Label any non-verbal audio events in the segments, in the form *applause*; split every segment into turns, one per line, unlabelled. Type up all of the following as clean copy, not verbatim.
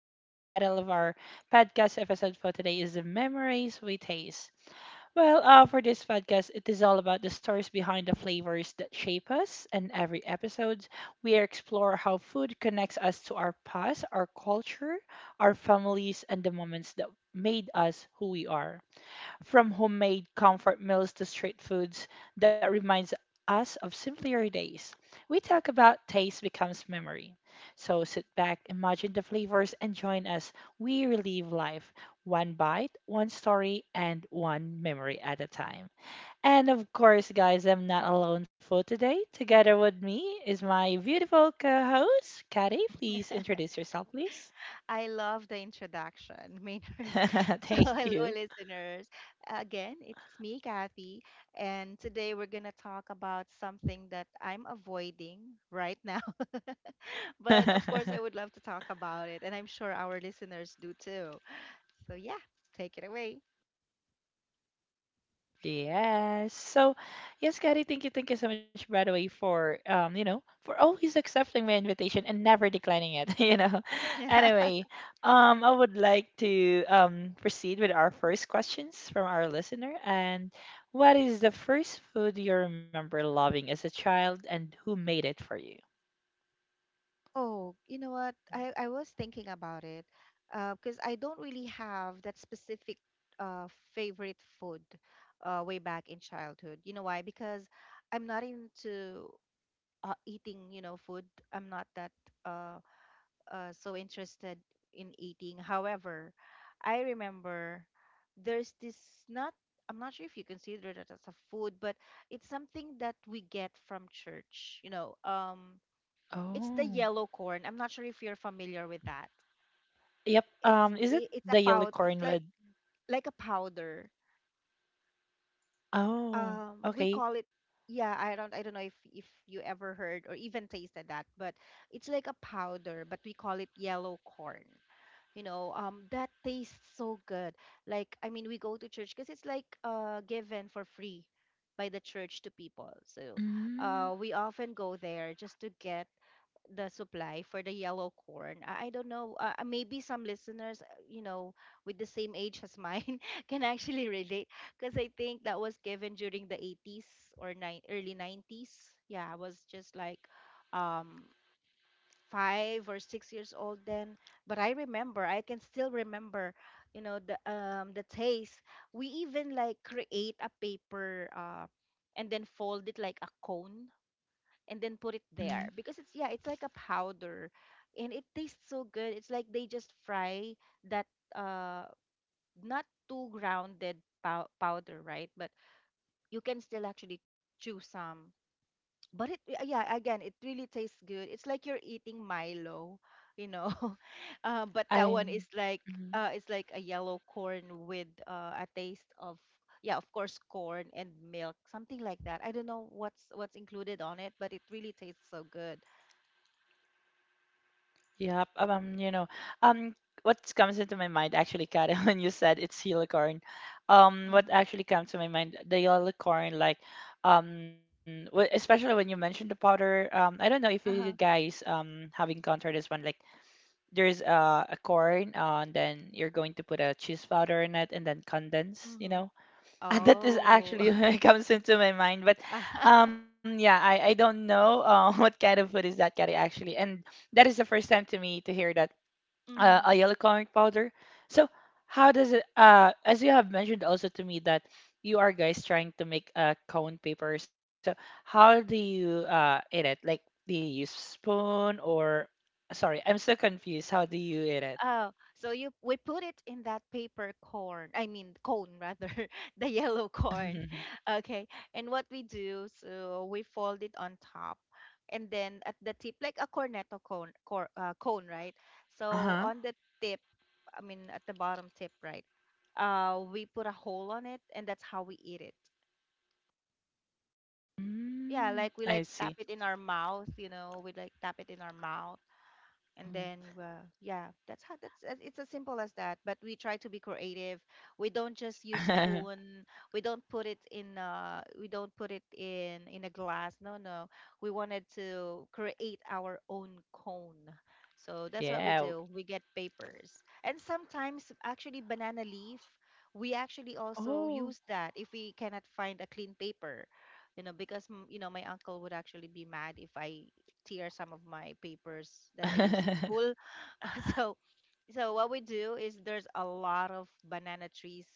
and the title of our podcast episode for today is "The Memories We Taste." Well, for this podcast, it is all about the stories behind the flavors that shape us, and every episode, we explore how food connects us to our past, our culture, our families, and the moments that made us who we are from homemade comfort meals to street foods that reminds us of simpler days. We talk about taste becomes memory. So sit back, imagine the flavors, and join us. We relive life one bite, one story, and one memory at a time. And of course, guys, I'm not alone for today. Together with me is my beautiful co host, Kari. Please introduce yourself, please.
I love the introduction, Maynard. *laughs* So,
*laughs* Thank
hello,
you.
listeners. Again, it's me, Kathy, and today we're going to talk about something that I'm avoiding right now. *laughs* but of course, I would
*laughs*
love to talk about it, and I'm sure our listeners do too. So, yeah, take it away.
Yes. So, yes, Gary, thank you so much, by the way, for for always accepting my invitation and never declining it, *laughs*
*laughs*
Anyway, I would like to proceed with our first questions from our listener. And what is the first food you remember loving as a child, and who made it for you?
Oh, you know what? I was thinking about it because I don't really have that specific uh, favorite food way back in childhood. You know why? Because I'm not into eating, food. I'm not that uh, so interested in eating. However, I remember there's this not, I'm not sure if you consider that as a food, but it's something that we get from church. It's the
Oh,
yellow corn. I'm not sure if you're familiar with that.
yep.
It's
Is it
I- it's a
the yellow
pow.
corn
It's like
with?
a powder.
Oh,
We
okay.
call it. Yeah, I don't know if you ever heard or even tasted that, but it's like a powder, but we call it yellow corn. That tastes so good. I mean, we go to church because it's like given for free by the church to people. So,
Mm,
we often go there just to get the supply for the yellow corn. I don't know. Maybe some listeners, with the same age as mine, *laughs* can actually relate because I think that was given during the 80s or nine early 90s. Yeah, I was just um, 5 or 6 years old then. But I remember, I can still remember, the taste. We even create a paper, and then fold it like a cone and then put it there
mm,
because it's it's like a powder, and it tastes so good. It's like they just fry that, uh not too grounded, powder, right? But you can still actually chew some. But it, yeah, again, it really tastes good. It's like you're eating milo, you know. *laughs* But that one is
I'm.
like
Mm-hmm.
it's like a yellow corn with, a taste of, yeah, of course, corn and milk, something like that. I don't know what's included on it, but it really tastes so good.
Yeah, um, what comes into my mind actually, Karen, *laughs* when you said it's helicorn, what
Mhm.
actually comes to my mind, the helicorn, like, especially when you mentioned the powder, I don't know if you
Uh-huh.
guys have encountered this one, like, there's a corn, and then you're going to put a cheese powder in it, and then condense, you
Mhm.
know, *laughs* that is
Oh, *laughs*
actually *laughs*
okay.
comes into my mind, but
*laughs*
yeah, I don't know, *laughs* what kind of food is that, Kari, actually, and that is the first time to me to hear that, a
Mhm.
yellow comic powder. So how does it as you have mentioned also to me that you are guys trying to make a cone paper, so how do you eat it, like, do you use spoon or sorry, I'm so confused how do you eat
Oh,
it.
so you, we put it in that paper corn. I mean cone rather, *laughs* the yellow corn. *laughs*
*laughs*
Okay. And what we do, so we fold it on top and then at the tip like a cornetto cone, right? So on the
Uh-huh.
tip, I mean at the bottom tip, right? We put a hole on it, and that's how we eat it. Yeah,
Mm,
we
I
like tap
see.
it in our mouth, you know, we like tap it in our mouth, and then,
Mm.
yeah, that's how that's as- it's as simple as that, but we try to be creative. We don't just use spoon.
*laughs*
We don't put it in a glass. No, no, we wanted to create our own cone. So that's what we
Yeah.
do. We get papers, and sometimes actually banana leaf we actually also
Oh.
use that if we cannot find a clean paper. You know, because, you know, my uncle would actually be mad if I tear some of my papers that I use in
*laughs*
school. *laughs* So, so what we do is there's a lot of banana trees,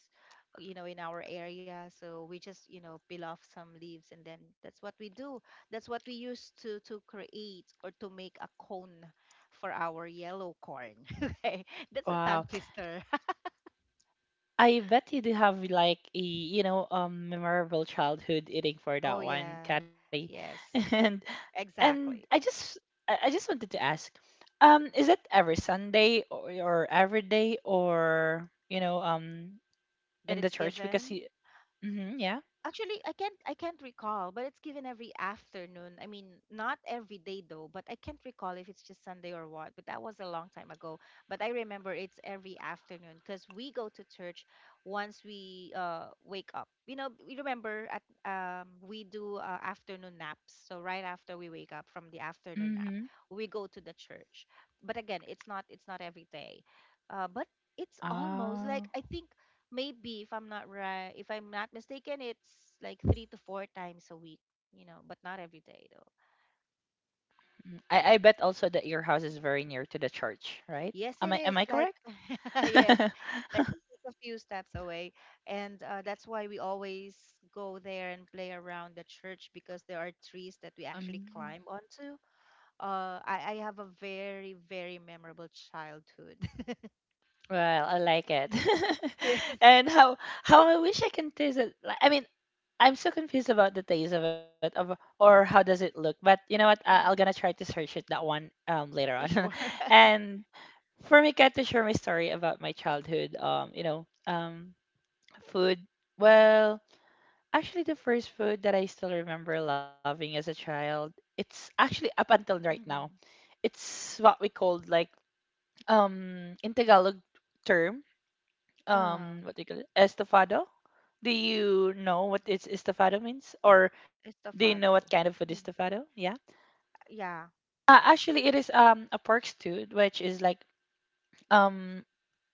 you know, in our area. So we just, you know, peel off some leaves, and then that's what we do. That's what we use to create or to make a cone for our yellow corn. *laughs* okay. That's a
Wow.
tongue twister.
I bet you do have like a, you know, memorable childhood eating for
*laughs*
that
oh
one,
yeah.
Kari. *laughs*
Yes.
And and I
Exactly.
just I just wanted to ask, is it every Sunday or every day or you know,
That
in
it's
the church because
given.
you mm-hmm, yeah.
Actually, I can't recall, but it's given every afternoon. I mean, not every day though, but I can't recall if it's just Sunday or what, but that was a long time ago. But I remember it's every afternoon because we go to church once we wake up. You know, we remember at we do, afternoon naps. So right after we wake up from the afternoon
Mm-hmm.
nap, we go to the church. But again, it's not every day. But it's almost
Ah.
like, I think, maybe, if I'm not right, if I'm not mistaken, it's like three to four times a week, you know, but not every day though.
Mm. I bet also that your house is very near to the church, right?
Yes,
Am
it
I am
is
I
like,
correct?
*laughs* yes,
*laughs*
like it's just a few steps away, and, that's why we always go there and play around the church because there are trees that we actually
Um,
climb onto. I have a very very memorable childhood.
well, I like it. *laughs*
*laughs* yes,
And how I wish I can taste it. Like, I mean, I'm so confused about the taste of it, of, or how does it look. But you know what? I'm
mm,
gonna try to search it that one later
you
on.
sure.
*laughs*
*laughs*
And for me, get to share my story about my childhood. Food. Well, actually, the first food that I still remember loving as a child, it's actually up until right now.
Mm-hmm.
It's what we called like in Tagalog term
Uh,
what do you call it? Estofado. Do you know what is estofado means? Or do you know what kind of
Estofado.
food is
Y-
estofado? Yeah.
Yeah.
Actually it is a pork stew which is like um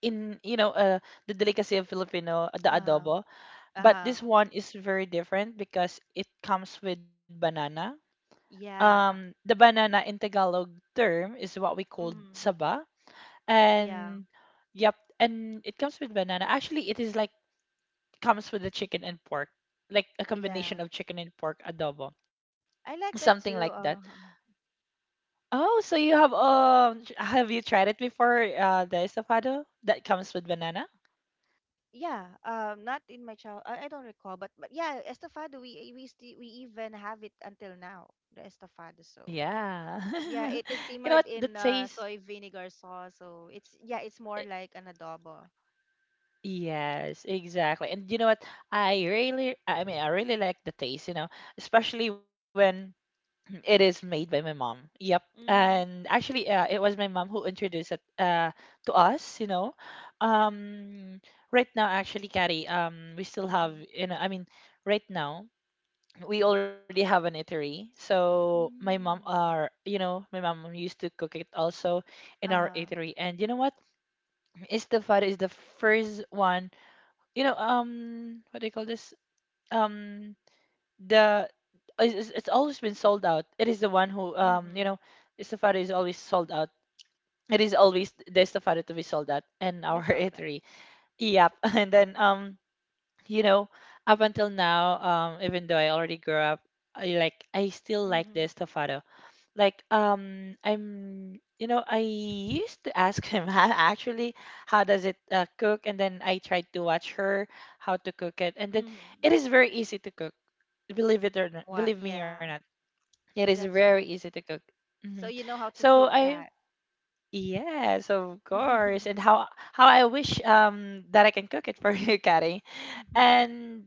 in you know the delicacy of Filipino, the
Uh huh.
adobo,
Uh
but
huh.
this one is very different because it comes with banana.
Yeah.
The banana in Tagalog term is what we call
Mm-hmm.
saba,
Yeah.
and yep, and it comes with banana. Actually it is like comes with the chicken and pork, like a combination
Yeah.
of chicken and pork adobo,
I like
something
that
like that.
too. Huh,
Oh, so you have tr- have you tried it before? The estofado that comes with banana.
yeah. Not in my child. I don't recall, but yeah, estofado. We even have it until now. The estofado. So
Yeah,
yeah,
*laughs*
it is
you know what?
simmered
The
in,
taste.
soy vinegar sauce. So it's, yeah, it's more
Eh,
like an adobo.
yes, exactly. And you know what? I mean, I really like the taste. You know, especially when it is made by my mom. Yep.
Mm-hmm.
And actually, it was my mom who introduced it to us, you know. Um, right now, actually, Carrie, we still have,
Mm-hmm.
you know, I mean, right now, we already have an eatery. So my mom
Mm.
are, you know, my mom used to cook it also in our
Uh-huh.
eatery. And you know what? Istafar is the first one, you know, what do you call this? Um the it's, it's always been sold out. It is the one who you
Mm-hmm.
know estofado is always sold out. It is always the estofado to be sold out in
We
our *laughs*
saw that.
eatery. Yep. *laughs* And then you know, up until now, um, even though I already grew up, I like I still like the
Mm-hmm.
estofado, like, I'm you know I used to ask him *laughs* how, actually how does it cook, and then I tried to watch her how to cook it, and then
Mm-hmm.
it is very easy to cook, believe it or not,
What?
believe me or
Yeah.
not, it is
That's
very
right.
easy to cook. Hmm.
So you know how to
so
cook
i
that.
yes of course,
*laughs*
and how I wish that I can cook it for *laughs* you, Kari. And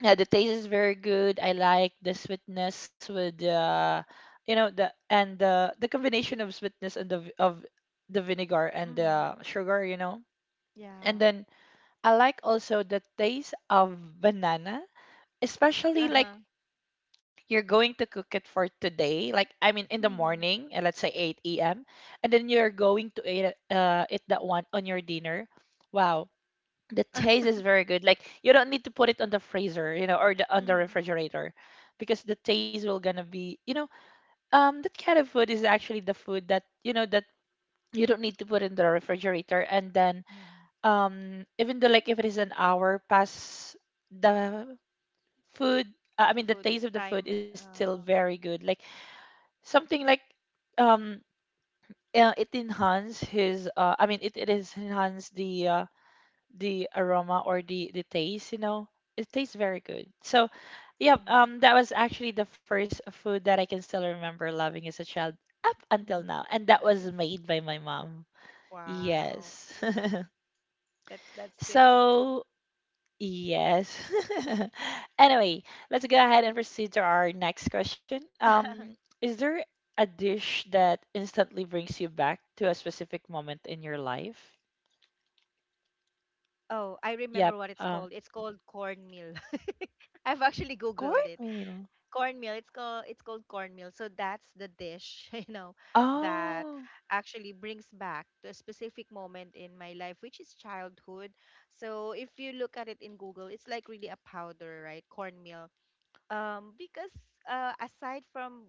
yeah, the taste is very good. I like the sweetness with the you know the and the the combination of sweetness and the of the vinegar and
Mhm.
the sugar, you know, and
Yeah.
then I like also the taste of banana, especially like
Uh-huh.
you're going to cook it for today, like I mean in the
Mhm.
morning, let's say 8 a.m, and then you're going to eat it, eat that one on your dinner. Wow, the taste is very good like you don't need to put it on the freezer, you know, or the, on the
Mhm.
refrigerator, because the taste will gonna be you know that kind of food is actually the food that you know that you don't need to put in the refrigerator, and then
Mhm.
even though like if it is an hour past the food, I mean the
Food
taste of the food
time.
is still very good, like something like um it enhance his I mean it is enhance the aroma or the taste you know, it tastes very good. So yeah,
Mhm.
that was actually the first food that I can still remember loving as a child up until now,
*laughs* That's
and that was
nice.
made by my mom.
Wow.
Yes. *laughs*
That's good to know.
So yes. *laughs* Anyway, let's go ahead and proceed to our next question.
*laughs*
Is there a dish that instantly brings you back to a specific moment in your life?
Oh, I remember
Yep,
what it's called. It's called cornmeal. *laughs* I've actually Googled it.
cornmeal.
Cornmeal. It's called cornmeal. So that's the dish, *laughs* you know, that
Oh,
actually brings back to a specific moment in my life, which is childhood. So if you look at it in Google, it's like really a powder, right? Cornmeal. Because, aside from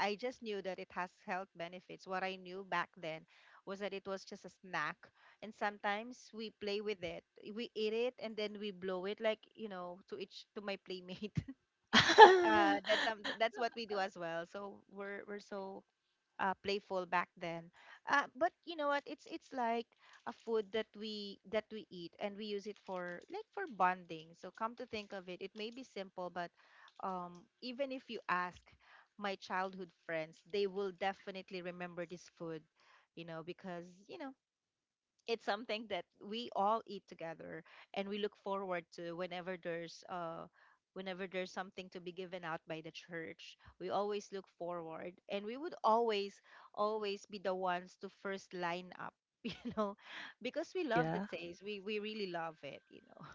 I just knew that it has health benefits. What I knew back then was that it was just a snack. And sometimes we play with it. We eat it and then we blow it, like, you know, to each to my playmate.
*laughs*
That's what we do as well. So we're so, playful back then. But you know what? It's like a food that we eat and we use it for like for bonding. So come to think of it, it may be simple, but, even if you ask my childhood friends, they will definitely remember this food, you know, because, you know, it's something that we all eat together and we look forward to whenever there's, whenever there's something to be given out by the church. We always look forward, and we would always be the ones to first line up, *laughs* you know, because we love
yeah.
the taste. We really love it, you know.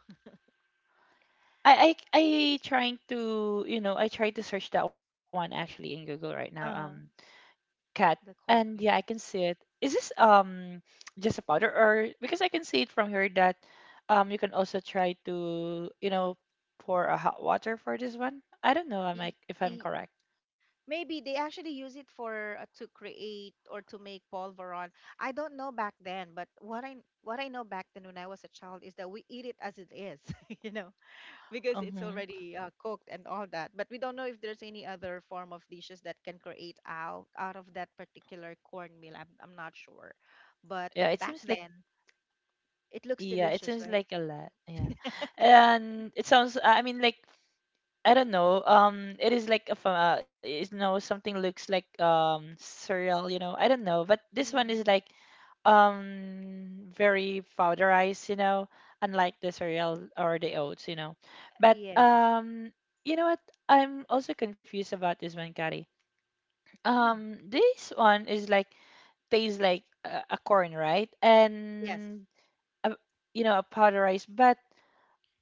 I trying to, you know, I tried to search that one actually in Google right now.
Uh-huh.
Cat.
The
And yeah, I can
cornmeal.
see it. Is this just a powder or because I can see it from here that you can also try to, you know, pour a hot water for this one. I don't know, I am
Y-
like if I'm
y-
correct.
Maybe they actually use it for, to create or to make polvoron. I don't know back then, but what I, what I know back then when I was a child is that we eat it as it is, *laughs* you know, because it's
Mm-hmm.
already, cooked and all that. But we don't know if there's any other form of dishes that can create out of that particular cornmeal. I'm not sure, but
Yeah, it
back
seems like
then it looks
yeah, it
delicious,
seems
right?
like a lot. Yeah. And it sounds I mean like I don't know. It is like a is no something looks like cereal, you know. I don't know, but this one is
Mm.
like very powderized, you know, unlike the cereal or the oats, you know. But
Yes.
you know what? I'm also confused about this one, Kari.
Mm.
This one is like tastes like a corn, right?
Yes.
And a, you know, a powderized, but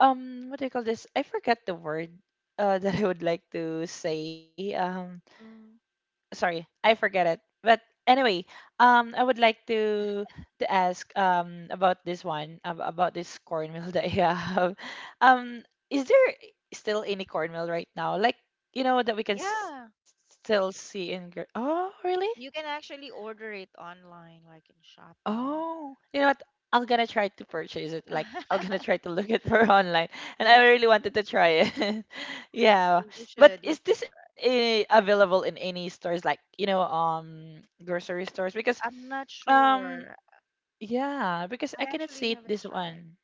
what do you call this, I forget the word, *laughs* that I would like to say,
Mm.
sorry I forget it, but anyway, I would like to ask about this one, about this cornmeal *laughs* that you have. *laughs* Um, is there still any cornmeal right now, like, you know, that we can
Yeah.
still see in Gre- oh really.
You can actually order it online, like in Shopee.
Oh, you know what? I'm gonna try to purchase it. Like, I'm gonna
*laughs*
try to look it *laughs* for online, and
Yeah,
I really wanted to try it. *laughs* Yeah,
you
but
should
is this
try.
eh, available in any stores, like, you know, grocery stores? Because,
I'm not
um,
sure.
yeah, because
I
I cannot
actually
see it,
haven't
this
tried.
one.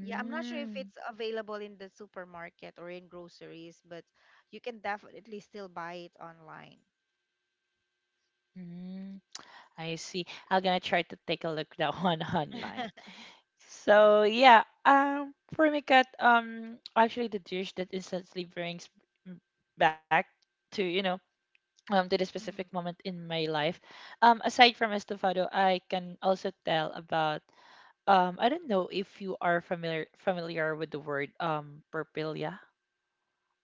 Yeah, I'm not sure if it's available in the supermarket or in groceries, but you can definitely still buy it online.
mm, I see. I'm gonna try to take a look that *laughs* one online.
*laughs*
So yeah, for me, Kat. Um, actually the dish that instantly brings m- back to you know to the specific
Mm.
moment in my life, um, aside from estofado, I can also tell about I don't know if you are familiar with the word perpilia.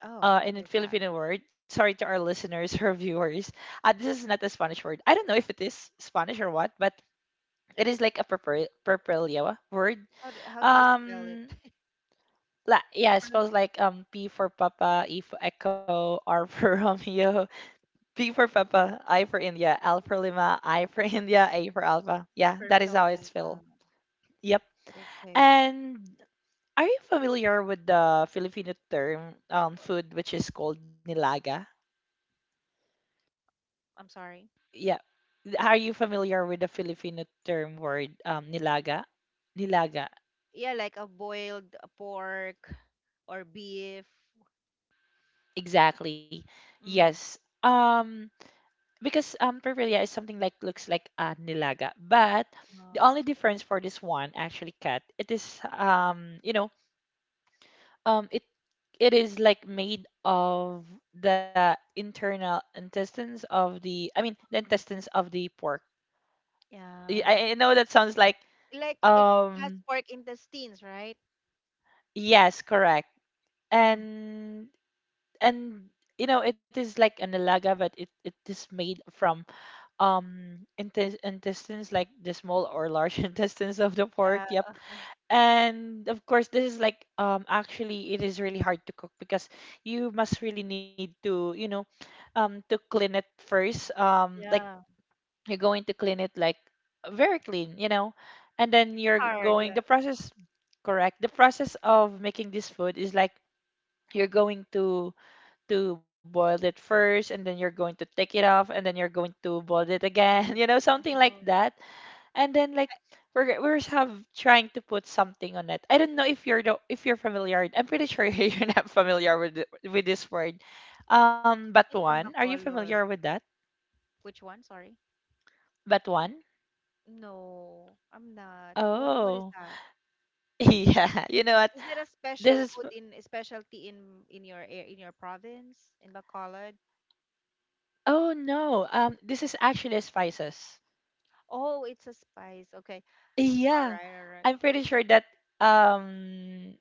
Oh,
In
what
a
is that?
Filipino word, sorry to our listeners or *laughs* viewers. This is not a Spanish word. I don't know if it is Spanish or what, but it is like a purple word.
How do you spell it? *laughs*
Um, like yeah, I
Pur-
suppose like P for Papa, E for Echo, R for *laughs* Romeo, P for Papa, I for India, L for Lima, I for *laughs* India, A for Alpha. Yeah, that is
Purple,
how
yeah.
it's spelled. Yep.
Okay, okay.
And are you familiar with the Filipino term food which is called nilaga?
I'm sorry.
Yeah. Are you familiar with the Filipino term word nilaga? Nilaga.
Yeah, like a boiled, pork or beef.
Exactly.
Mm-hmm.
Yes. Um because paparilla is something like looks like a nilaga, but the
Oh.
only difference for this one, actually, Cat, it is, it is like made of the internal intestines of the, I mean, the
Mhm.
intestines of the pork.
Yeah.
I know that sounds like
Like it has
um
pork intestines, right?
yes, correct.
Mhm.
And and you know it is like a nilaga, but it is made from intestines, like the small or large *laughs* intestines of the pork.
Yeah.
Yep. And of course this is like, actually it is really hard to cook because you must really need to, you know, to clean it first. Like
Yeah.
you're going to clean it like very clean, you know, and then
It's
you're
hard,
going
yeah.
the process. Correct, the process of making this food is like you're going to boil it first, and then you're going to take it off, and then you're going to boil it again, *laughs*
Ruth.
you know, something like
Oh.
that. And then, like,
I-
have trying to put something on it. I don't know if if you're familiar. I'm pretty sure *laughs* you're not familiar with with this word. Batuan.
from
Are you familiar
Bacolod.
with that?
Which one? Sorry.
Batuan?
No, I'm not. What is
Oh,
that?
*laughs* yeah. You know what?
Is it a
This
special
is,
food in a specialty in your in your province in Bacolod?
oh no. This is actually spices.
Oh, it's a spice. Okay. All
Yeah,
right, all right.
I'm pretty sure that um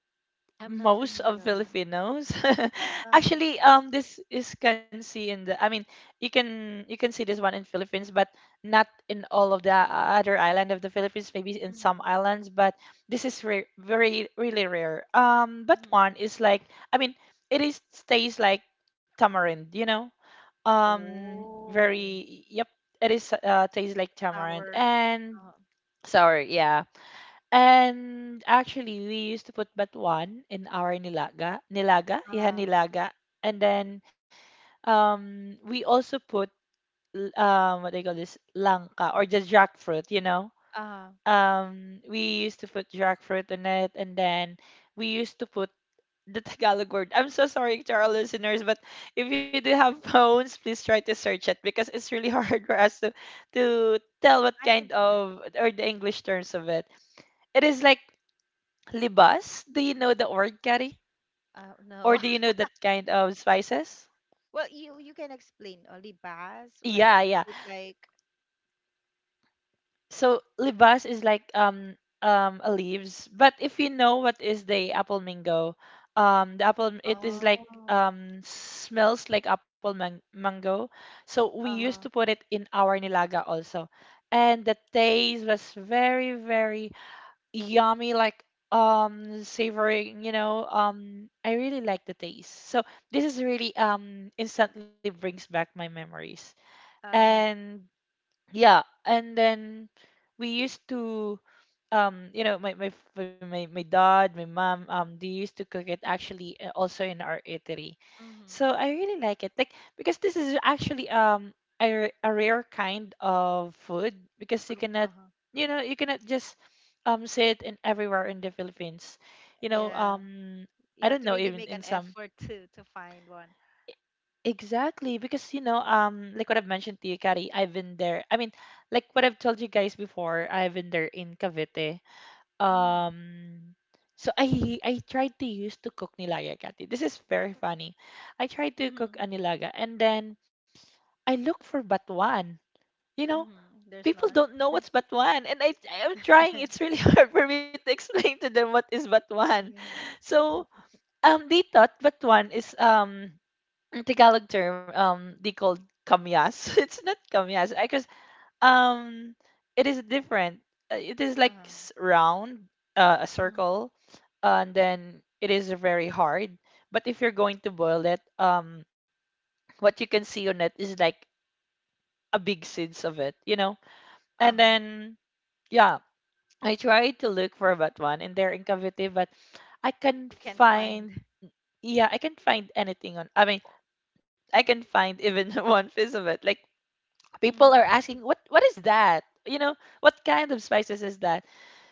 I'm not
most of
familiar.
Filipinos. *laughs*
Uh-huh.
Actually, this is can see in the. I mean, you can see this one in Philippines, but not in all of the other island of the Philippines. Maybe in some islands, but this is very really rare. But
Mm-hmm.
one is like, I mean, it is stays like tamarind. You know,
Oh,
very yep. It is tastes like
it's
tamarind
sour.
and
Uh-huh.
sour. Yeah. And actually, we used to put batuan in our
Uh,
nilaga. And then, we also put what do you call this, langka, or just jackfruit, you know.
uh,
We used to put jackfruit in it, and then we used to put the Tagalog word. I'm so sorry to our listeners, but if you do have phones, please try to search it, because it's really *laughs* hard for us to tell what
I can
kind
search.
of, or the English terms of it. It is like Libas, do you know the word, Kari? Or
No.
do you know
*laughs*
that kind of spices?
Well, you can explain only bas,
Yeah,
like,
yeah.
is it like?
So libas is like a leaves, but if you know what is the apple mango, the apple, it is like,
Oh.
smells like apple mango. So we used to
Uh-huh.
put it in our nilaga also. And the taste was very, very yummy, like, savoring, you know. I really like the taste, so this is really, instantly brings back my memories.
Uh.
And yeah, and then we used to, my my dad, my mom, they used to cook it, actually, also in our eatery.
Mm-hmm.
So I really like it, like, because this is actually, a, a rare kind of food, because
For.
you cannot,
Uh-huh.
you know, you cannot just, see it in everywhere in the Philippines, you know.
Yeah, you
I
have
don't
to
know,
really
even
make an
in some,
effort *laughs* to find one.
exactly, because, you know, like what I've mentioned to you, Kari, I've been there, I mean, like what I've told you guys before, I've been there in Cavite.
Mm,
um so I tried to use to cook nilaga, Kathy. This is very funny. I tried to
mm-hmm,
cook a nilaga, and then I look for batuan. You know,
mm-hmm. There's
people
none.
don't know what's batuan, and I'm trying.
*laughs*
It's really *laughs* hard for me to explain to them what is batuan.
Mm-hmm.
So, um, they thought batuan is, in Tagalog term, um, they called kamyas. *laughs* It's not kamyas. I um, it is different. It is like
Uh-huh.
round, a
Mm-hmm.
circle, and then it is very hard. But if you're going to boil it, what you can see on it is like a big seeds of it, you know. And
Uh-huh.
then, yeah, I tried to look for that one, and they're in Cavite, but I can not
You can't find.
find.
*laughs*
Yeah, I can not find anything on. I mean, I can find even *laughs* one piece of it. Like, people are
Mm-hmm.
asking, what is that? You know, what kind of spices is that?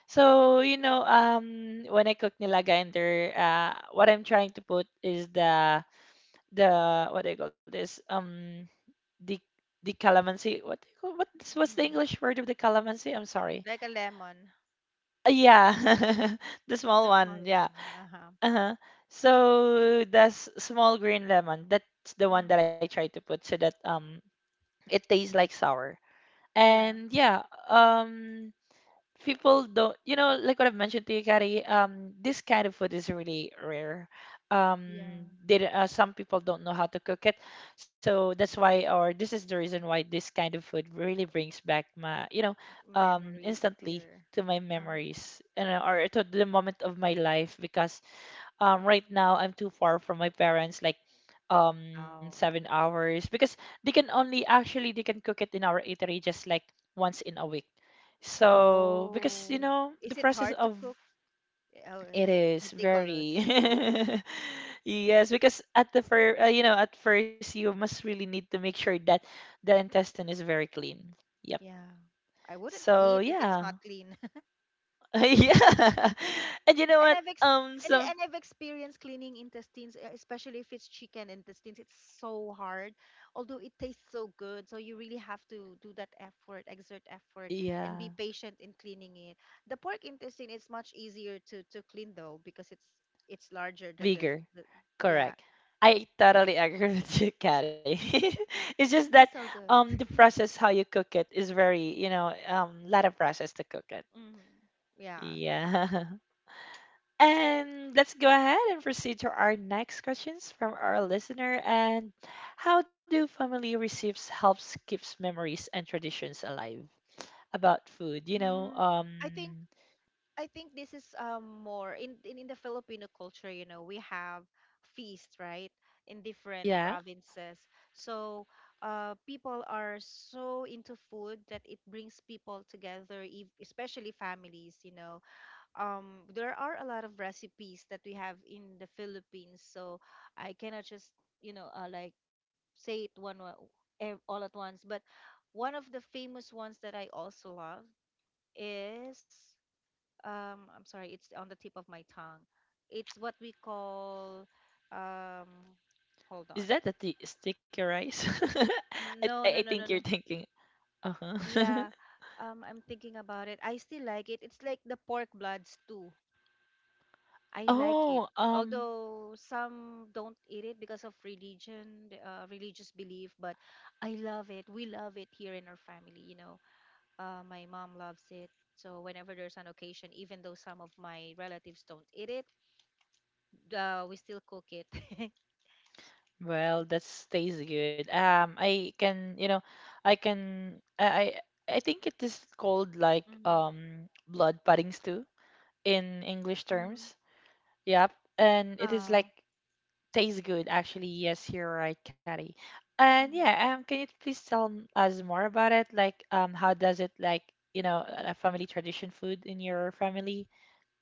So, you know, when I cook nilaga in there, what I'm trying to put is the, what do you call this? The the calamansi. What do you what's the
Mm-hmm.
English word of the calamansi? I'm sorry.
Like a lemon.
Yeah, *laughs* the small
That small
one. Yeah.
lemon. Uh-huh.
Uh-huh. So the small green lemon. That's the one that I
Mm.
try to put, so that, it tastes like sour.
Yeah.
And yeah, um. people don't, you know, like what I've mentioned to you, Kari, this kind of food is really rare.
Yeah.
Some people don't know how to cook it, so that's why, or this is the reason why this kind of food really brings back my, you know,
Memories
instantly
there?
to my
Oh,
memories, and or to the moment of my life, because, right now I'm too far from my parents, like,
oh,
7
yeah.
hours, because they can only, actually they can cook it in our eatery just like once in a week. So because you
Oh,
know the
is it
process
hard to
of
cook? Oh,
it
it's
is very.
meticulously cooked. *laughs*
*laughs* Yes, because at the first, you know, at first you must really need to make sure that the intestine is very clean. Yep.
Yeah. I wouldn't
So
eat if it's not
yeah.
clean.
*laughs* Yeah. *laughs* And you know
and
what?
I've ex-
Um,
and, I-
some,
and I've experienced cleaning intestines, especially if it's chicken intestines. It's so hard, although it tastes so good. So you really have to do that effort, exert effort, and
yeah.
be patient in cleaning it. The pork intestine is much easier to clean though because it's larger than the,
Bigger.
the yeah,
Correct. I totally agree *laughs* with you, Katty. *laughs* It's just
but
that,
it tastes so good.
the
*laughs*
process how you cook it is very, you know, lot of process to cook it.
hmm Yeah.
Yeah. *laughs* And let's go ahead and proceed to our next questions from our listener. And how do family recipes helps keeps memories and traditions alive about food? You know,
Mm, I think. I think this is more in the Filipino culture, you know, we have feast, right? In different
yeah.
provinces. So, people are so into food that it brings people together, especially families, you know. There are a lot of recipes that we have in the Philippines, so I cannot just, you know, say it one wa- ev- all at once, but one of the famous ones that I also love is I'm sorry, it's on the tip of my tongue. It's what we call um hold on.
Is that the sticky rice? *laughs*
No, no,
I
no, no,
think you're
no.
thinking. Uh huh.
Yeah.
*laughs*
I'm thinking about it. I still like it. It's like the pork bloods too. I like it.
Oh,
Although some don't eat it because of religion, religious belief, but I love it. We love it here in our family, you know. My mom loves it. So whenever there's an occasion, even though some of my relatives don't eat it, we still cook it. *laughs*
well, that stays good. I can, you know, I can, I think it is called like
Mhm.
blood pudding stew in English
Mhm.
terms. Yep, and it is
Uh,
like tastes good actually. Yes, you're right, Caddy. And
Mhm.
yeah, can you please tell us more about it? Like, how does it like, you know, a family tradition food in your family?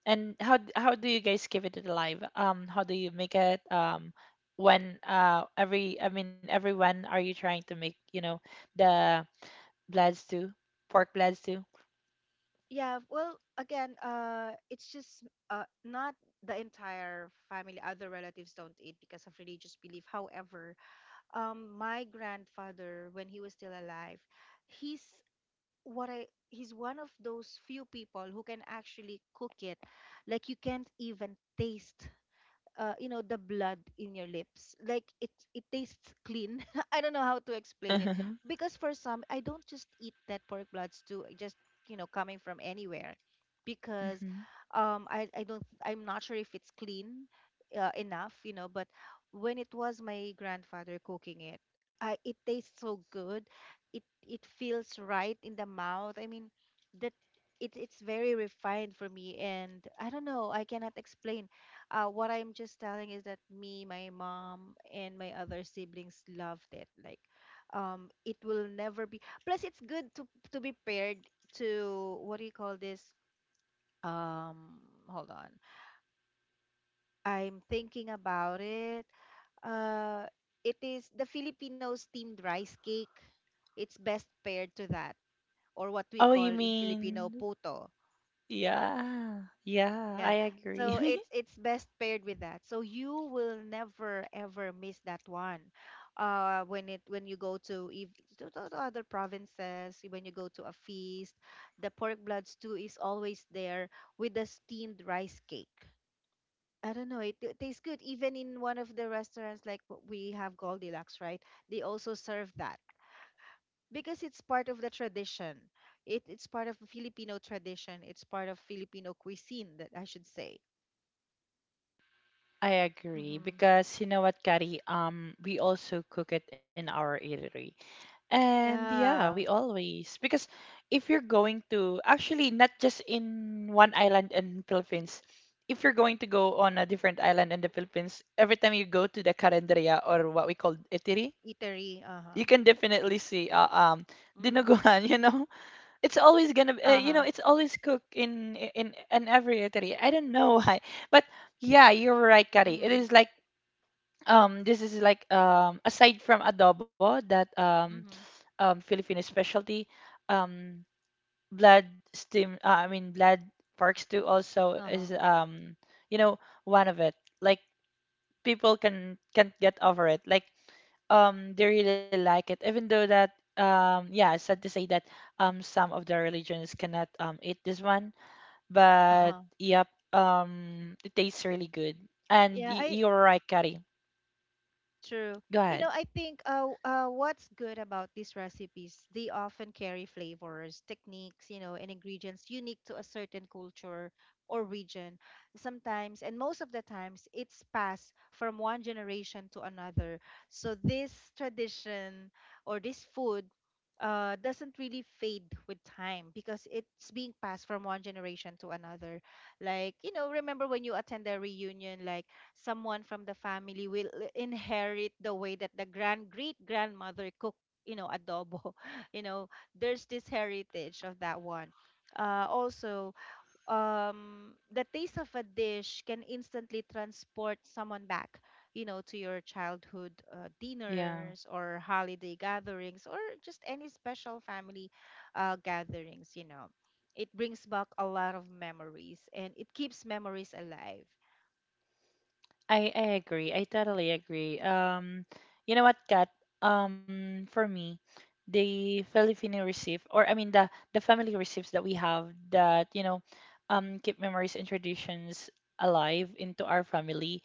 And how how do you guys keep it alive? How do you make it? When uh, every, I mean, every, when are you trying to make, you know, the blood stew, pork blood stew?
Yeah, well, again, it's just not the entire family. Other relatives don't eat because of religious belief. However, my grandfather, when he was still alive, he's what I he's one of those few people who can actually cook it. Like you can't even taste you know, the blood in your lips, like it tastes clean. *laughs* I don't know how to explain it
*laughs*
because for some, I don't just eat that pork blood stew just, you know, coming from anywhere because
Hmm.
i don't, I'm not sure if it's clean enough, you know. But when it was my grandfather cooking it, I it tastes so good. It feels right in the mouth. I mean that it's very refined for me, and I don't know, I cannot explain. What I'm just telling is that me, my mom, and my other siblings loved it. Like, it will never be. Plus, it's good to be paired to. What do you call this? Um, Hold on. I'm thinking about it. Uh, it is the Filipino steamed rice cake. It's best paired to that, or what we
Oh,
call
you
in Filipino,
mean
puto.
yeah, yeah. I
Yeah. So
agree.
it's
*laughs*
it's best paired with that. So you will never ever miss that one. When you go to if to, to other provinces, when you go to a feast, the pork blood stew is always there with the steamed rice cake. I don't know, it tastes good. Even in one of the restaurants, like what we have, Goldilocks, right? They also serve that because it's part of the tradition. It's part of Filipino tradition. It's part of Filipino cuisine, that I should say.
I agree,
Mm-hmm.
because you know what, Kari? We also cook it in our eatery. And yeah, we
Yeah,
always, because if you're going to, actually, not just in one island in Philippines, if you're going to go on a different island in the Philippines, every time you go to the Carinderia, or what we call Itiri,
eatery,
you
uh-huh.
can definitely see um,
Mhm.
dinuguan, *laughs* you know. It's always gonna you know,
Uh-huh.
it's always cooked in every Itiri. I don't know *laughs* why. But yeah, you're right, Kari. It
Mhm.
is like, this is like, aside from adobo, that,
Mhm.
Filipino specialty. Um, blood Steam, I mean, blood Parks too, also
Uh-huh.
is, you know, one of it. Like, people can can't get over it. Like, they really like it, even though that, yeah, sad to say that, some of the religions cannot eat this one, but
Uh-huh.
yep, it tastes really good. And
Yeah, I
you're right, Kari.
True.
Go
You
ahead.
know, I think what's good about these recipes, they often carry flavors, techniques, you know, and ingredients unique to a certain culture or region. Sometimes, and most of the times, it's passed from one generation to another. So this tradition or this food doesn't really fade with time because it's being passed from one generation to another. Like, you know, remember when you attend a reunion, like someone from the family will inherit the way that the grand great grandmother cooked, you know, adobo. *laughs* You know, there's this heritage of that one. Also, the taste of a dish can instantly transport someone back, you know, to your childhood
Yeah.
dinners or holiday gatherings or just any special family gatherings, you know. It brings back a lot of memories and it keeps memories alive.
I agree. I totally agree. You know what, Kat? For me, the Filipino receive, or I mean, the family receives that we have that, you know, keep memories and traditions alive into our family.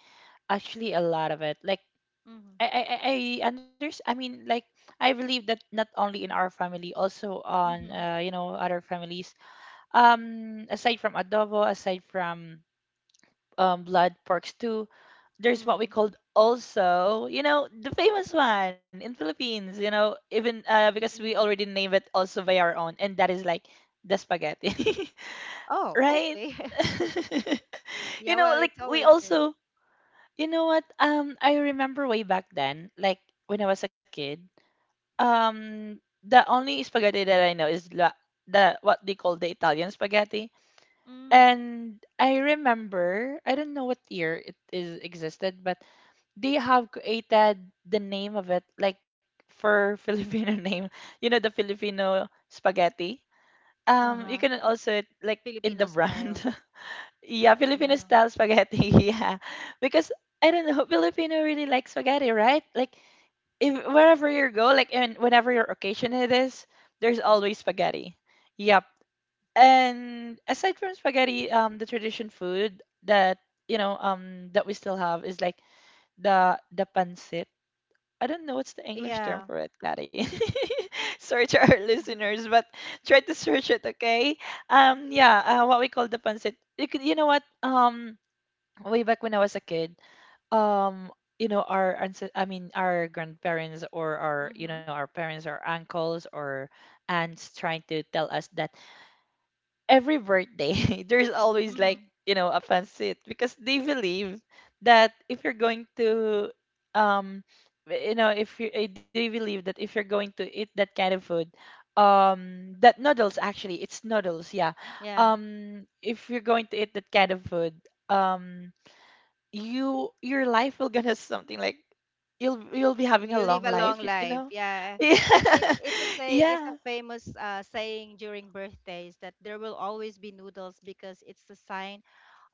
Actually, a lot of it. Like,
Mm-hmm.
I I I I understand. I mean, like, I believe that not only in our family, also on
Mm-hmm.
you know, other families. Aside from adobo, aside from blood pork stew. There's what we
Mm.
called also, you know, the famous one in Philippines, you know, even because we
Sinag
already name it also by our own, and that is like the spaghetti, *laughs*
oh,
right?
okay. *laughs*
*laughs* You
Yeah,
know,
well,
like
it's
we
always there.
also, you know what? I remember way back then, like when I was a kid, um, the only spaghetti that I know is the what they call the Italian spaghetti.
Mm.
And I remember, I don't know what year it is existed, but they have created the name of it like for *laughs* Filipino name, you know, the Filipino spaghetti. You
Uh-huh.
can also like in
Filipino
the brand.
style.
*laughs* Yeah, Filipino
Yeah.
style spaghetti. *laughs* Yeah. Because I don't know, Filipino really like spaghetti, right? Like if wherever you go, like and whenever your occasion it is, there's always spaghetti. Yep. And aside from spaghetti, the tradition food that we still have is like the pancit. I don't know what's the English term
Yeah.
for it, Daddy. *laughs* Sorry to our *laughs* listeners, but try to search it, okay? Yeah, what we call the pancit. You could, you know what? Way back when I was a kid, um, you know, our ancest- I mean, our grandparents or our, you know,
Mm-hmm.
our parents or uncles or aunts trying to tell us that every birthday *laughs* there's always like
Mm-hmm.
you know a pancit because they believe that if you're going to um you know if you eh, they believe that if you're going to eat that kind of food that noodles actually it's noodles, yeah.
Yeah.
If you're going to eat that kind of food, um you your life will gonna *laughs* something like you'll be having
You
a
live a
long
long
life, you
life.
know.
Yeah.
*laughs*
It's it's
Yeah,
it's a saying, it's a
yeah,
famous saying during birthdays that there will always be noodles because it's a sign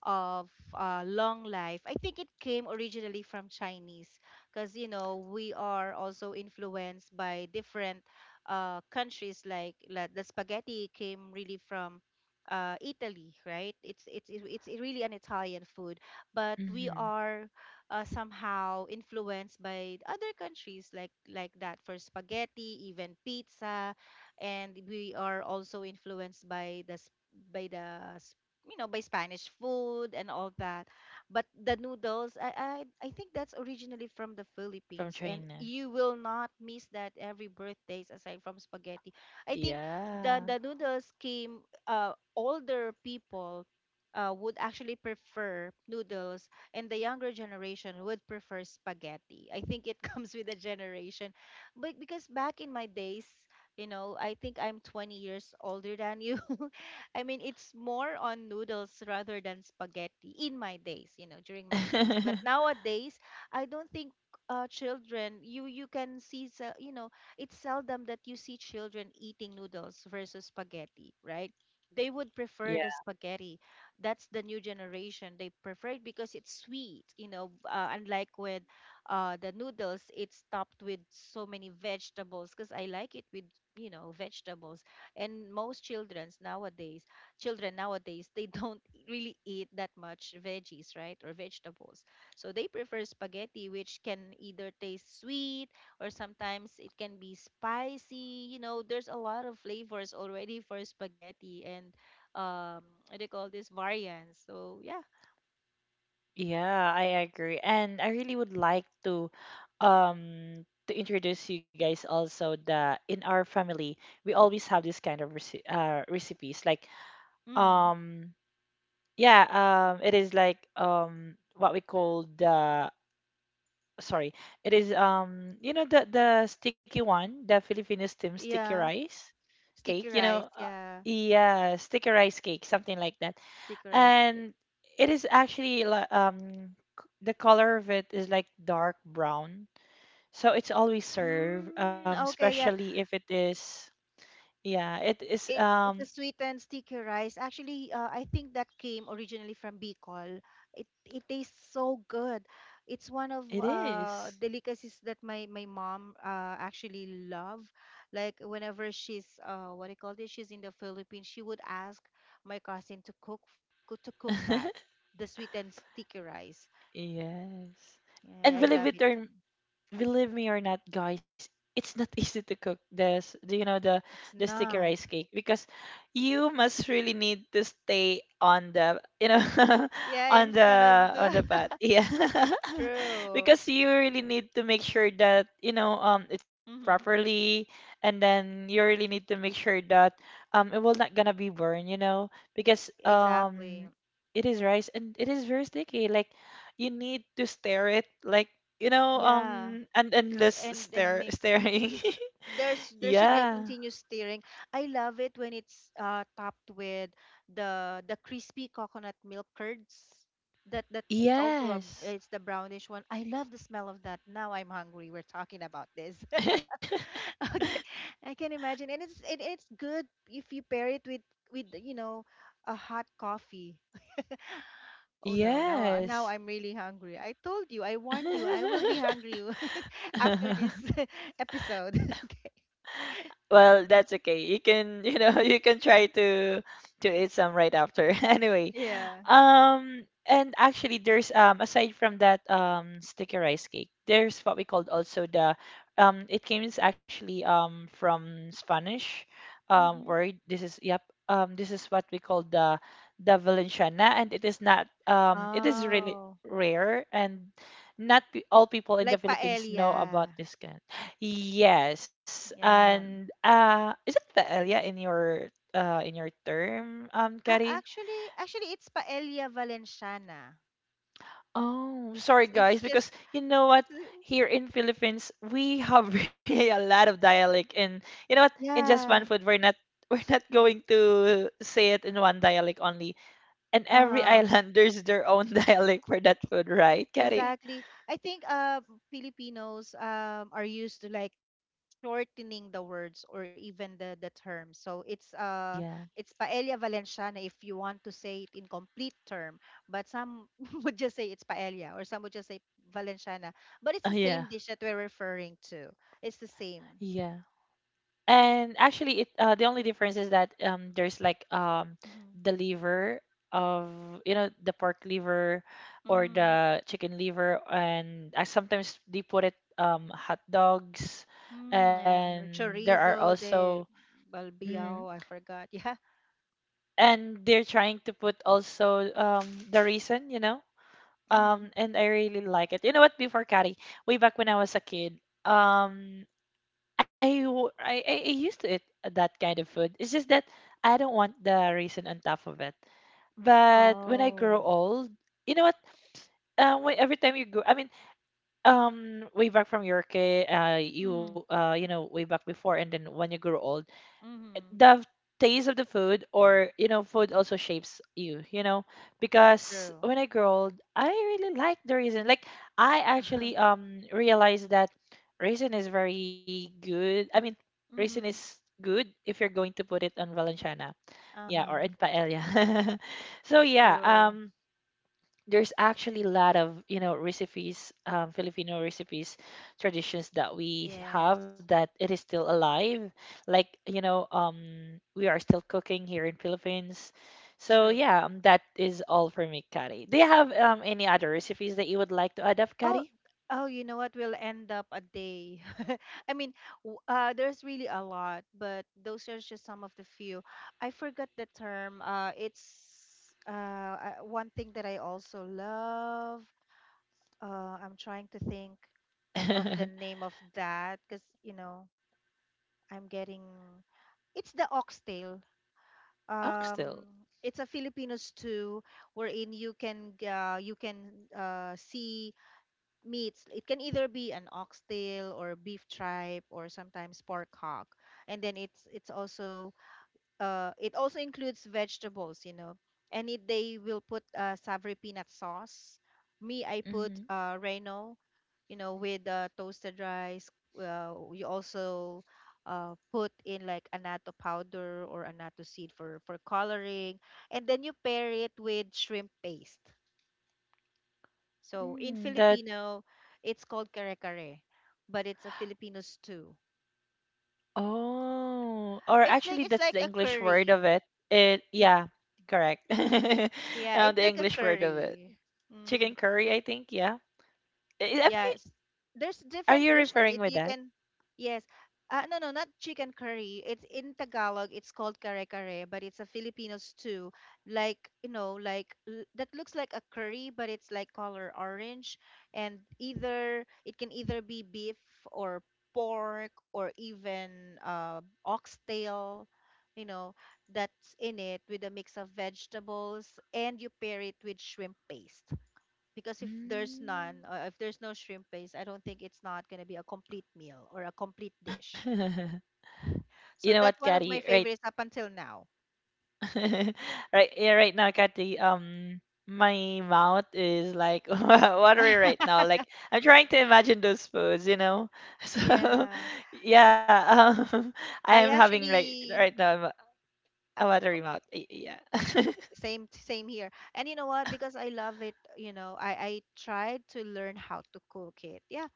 of long life. I think it came originally from Chinese because, you know, we are also influenced by different countries, the spaghetti came really from Italy, right? It's really an Italian food, but we
hmm,
are somehow influenced by other countries, that, for spaghetti, even pizza, and we are also influenced by the s- by the you know, by Spanish food and all that. But the noodles, I think that's originally from the
from
Philippines, and
China,
you will not miss that every birthdays aside from spaghetti. I think the
yeah.
the noodles came. Older people would actually prefer noodles, and the younger generation would prefer spaghetti. I think it *laughs* comes with a generation. But because back in my days, you know, I think I'm 20 years older than you. I mean, it's more on noodles rather than spaghetti in my days, you know, during my days. But
*laughs*
nowadays, I don't think children, you can see, you know, it's seldom that you see children eating noodles versus spaghetti, right? They would prefer
Yeah,
the spaghetti. That's the new generation. They prefer it because it's sweet, you know, unlike with the noodles, it's topped with so many vegetables because I like it with, you know, vegetables. And most childrens nowadays, children nowadays, they don't *laughs* really eat that much veggies, right, or vegetables. So they prefer spaghetti, which can either taste sweet or sometimes it can be spicy. You know, there's a lot of flavors already for spaghetti, and um what do you call this, variants. So yeah.
yeah, I agree. And I really would like to introduce you guys also that in our family we always have this kind of recipes like
Mm-hmm.
um yeah, it is like what we call the sorry, it is you know the sticky one, the Filipino steam sticky
Yeah,
rice cake,
sticky
you know,
rice. Yeah,
yeah, sticky rice cake, something like that.
sticky rice.
And it is the color of it is like dark brown, so it's always served
Mm, okay. Yeah.
especially if it is yeah it is
It it's a sweetened sticky rice. Actually, I think that came originally from Bicol. It tastes so good. It's one of
it is.
delicacies that my mom actually love. Like whenever she's what do you call this? She's in the Philippines. She would ask my cousin to cook, to cook that,
*laughs*
the sweetened sticky rice.
Yes.
Yeah,
And
I
believe
love
it
it.
or believe me or not, guys, it's not *laughs* easy to cook this, the, you know, the
It's
the sticky
not.
rice cake because you must really need to stay on the, you know, *laughs*
Yeah,
on
in
the
front of
on the
the
pot. Yeah. *laughs*
*laughs* true.
Because you really need to make sure that, you know, it's cooked
Mm-hmm.
properly. And then you really need to make sure that it will not gonna be burned, you know, because
Exactly.
it is rice and it is very sticky. Like you need to stir it like you know,
Yeah.
and endless
And
stare
Mix and
staring.
there's
*laughs*
there should be a
Yeah.
continuous stirring. I love it when it's topped with the crispy coconut milk curds. That it's also a,
Yes.
it's the brownish one. I love the smell of that. Now I'm hungry. We're talking about this. *laughs*
*laughs*
Okay, I can imagine, and it's good if you pair it with, you know, a hot coffee. Oh no, now
Yes.
I'm really hungry. I told you, I warned you, I will be
*laughs*
hungry *laughs* after this *laughs* episode. *laughs* Okay.
Well, that's okay. You can, you know, *laughs* you can try to eat some right after. *laughs* Anyway,
Yeah.
and actually, there's aside from that sticky rice cake, there's what we called also the it came is actually from Spanish
Mm-hmm.
word. This is yep this is what we call the Valenciana, and it is not it is really
Oh,
rare and not pe- all people in the
like
Philippines know about
paella.
this. Yes.
Yeah.
And is it paella in your term, Kari?
Actually, it's paella valenciana.
Oh, sorry
S- It's
guys, because
just
you know what?
it's
Here in Philippines, we have *laughs* really a lot of dialect. And you know what? In just one
Yeah.
food, we're not *laughs* we're not going to say it in one dialect only. And every *laughs*
Uh-huh.
island there's their own *laughs* dialect for that food, right, Kari?
Exactly. I think Filipinos are used to like shortening the words or even the term. So it's
Yeah.
paella valenciana if you want to say it in complete term, but some *laughs* would just say it's paella, or some would just say valenciana, but it's
Oh
the
yeah.
same dish that we're referring to. It's the same.
Yeah. And actually, it the only difference is that there's like the
Mm-hmm.
liver of you know the pork liver or
Mm,
the chicken liver, and sometimes they put it hot dogs,
yeah. Or
and there are
Chorizo
also
de
mm,
balbiao, I forgot. *laughs* Yeah.
and they're trying to put also the reason you know
Mm-hmm.
and I really like it. You know what? Before Kari, way back when I was a kid, um I, w- I used to eat that kind of food. It's just that I don't want the raisin on top of it. But when I grow
Oh.
old, you know what? Every time you go, I mean, way back from your kid,
Mm-hmm.
you know, way back before, and then when you grow old,
Mm-hmm.
the taste of the food or you know food also shapes you, you know. Because
True.
when I grew old I really like the raisin, like I actually
*laughs*
realized that raisin is very good. I mean raisin
Mm-hmm.
is good if you're going to put it on Valenciana, yeah, or
Uh-huh.
in paella. *laughs* So
It's
yeah,
true.
there's actually a lot of you know recipes, Filipino recipes, traditions that we have
Yes.
that it is still alive, like you know we are still cooking here in Philippines. So
Sure.
yeah, that is all for me, Kari. Do you have any other recipes that you would like to add up,
Oh,
Kari?
oh, you know what? We'll end up a day. *laughs* I mean, there's really a lot, but those are just some of the few. I forgot the term. It's One thing that I also love. I'm trying to think of the
*laughs*
name of that because, you know, I'm getting. It's the oxtail.
Oxtail.
Um, it's a Filipino stew wherein you can you can see meats. It can either be an oxtail or beef tripe or sometimes pork hock. And then it's also it also includes vegetables, you know. And they will put savory peanut sauce. Me, I put
Mm-hmm.
Reno, you know, with toasted rice. You also put in like annatto powder or annatto seed for coloring, and then you pair it with shrimp paste. So in
Mm, that
Filipino, it's called kare-kare, but it's a Filipino stew.
oh or actually
It's
that's
like
the
a
English word of
curry.
it. It
I-
yeah correct. *laughs*
Yeah, it's
The
like a
English word of it.
curry. Hmm
Chicken curry, I think. Yeah. I- Am I,
Yes. There's
are
different
you
versions.
referring
It
with
you
that?
can Yes. No, no, not chicken curry. It's in Tagalog. It's called kare kare, but it's a Filipino stew. Like, you know, that looks like a curry, but it's like color orange. And either it can either be beef or pork or even oxtail, you know, that's in it with a mix of vegetables, and you pair it with shrimp paste, because if there's none,
Mm.
or if there's no shrimp paste, I don't think it's not going to be a complete meal or a complete dish.
*laughs* You
So
know what,
that's one of
Katty?
my
Right.
favorites up until now.
*laughs* Right. Yeah. Right now, Katty. My mouth is like *laughs* watery right
*laughs*
now. Like I'm trying to imagine those foods. You know. *laughs* So
Yeah,
yeah. *laughs* I
i
am having like
actually
right now I'm
uh,
a watery mouth. Yeah.
mm,
*laughs*
same here. And you know what, because I love it, I tried to learn how to cook it. Yeah.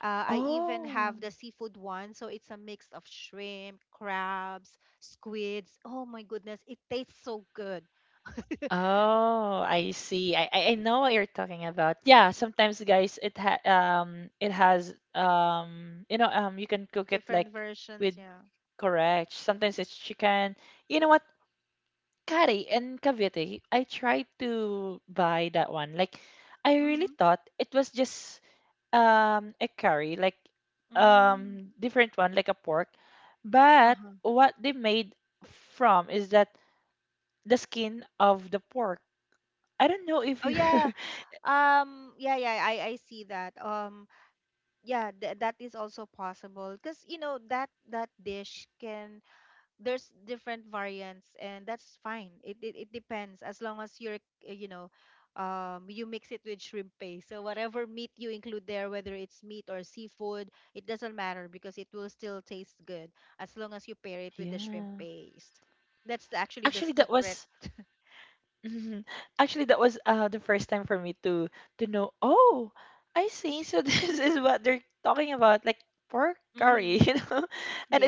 I even have the
Oh.
seafood one, so it's a mix of shrimp, crabs, squids. Oh my goodness, it tastes so good.
Oh, I see. I know what you're talking about. Yeah, sometimes guys it ha it has you know you can cook it like
Different versions,
with
yeah.
correct. Sometimes it's chicken. You know what? Kari in Cavite, I tried to buy that one. Like I really
Mhm.
thought it was just a curry, like
Mm,
different one like a pork. But
uh-huh.
what they made from is that the skin of the pork. I don't know if
Oh
you
yeah.
*laughs*
Yeah, yeah, I see that. Yeah, th that is also possible, because you know that that dish can— there's different variants, and that's fine. It depends. As long as you're— uh, you know you mix it with shrimp paste. So whatever meat you include there, whether it's meat or seafood, it doesn't matter, because it will still taste good as long as you pair it with the shrimp
yeah.
paste. That's actually the
Actually that
secret.
was *laughs* mhm. Actually that was the first time for me to know, oh, I see. So *laughs* this is what they're talking about, like pork curry,
Hmm.
*laughs* you know?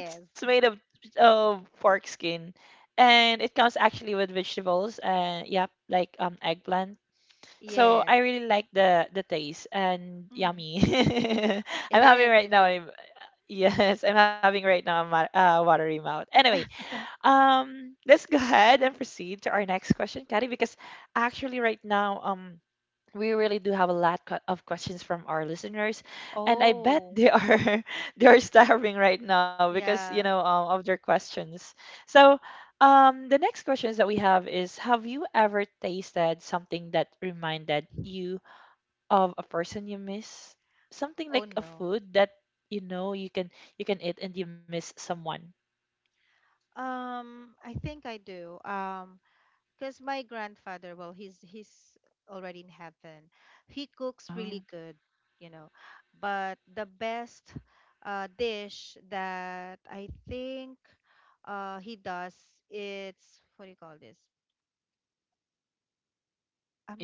And it's made of pork skin. And it comes actually with vegetables and yep, like eggplant. So I
Yes.
really like the taste and
Mm-hmm.
yummy. *laughs* I'm
It
having
is,
right
it
now
is.
I'm *laughs* yes, I'm having right now a watery mouth. Anyway,
*laughs*
Let's go ahead and proceed to our next question, Caddy, because actually right now, we really do have a lot of questions from our listeners, and I bet
Oh,
they are *laughs* they are starving right now because you know
yeah.
of their questions. So, the next questions that we have is: Have you ever tasted something that reminded you of a person you miss? Something
Oh
like a
no.
food that you know you can eat and you miss someone.
I think I do. Because my grandfather, well, he's already in heaven. He cooks really
Oh,
good, you know. But the best dish that I think he does, it's— what do you call this?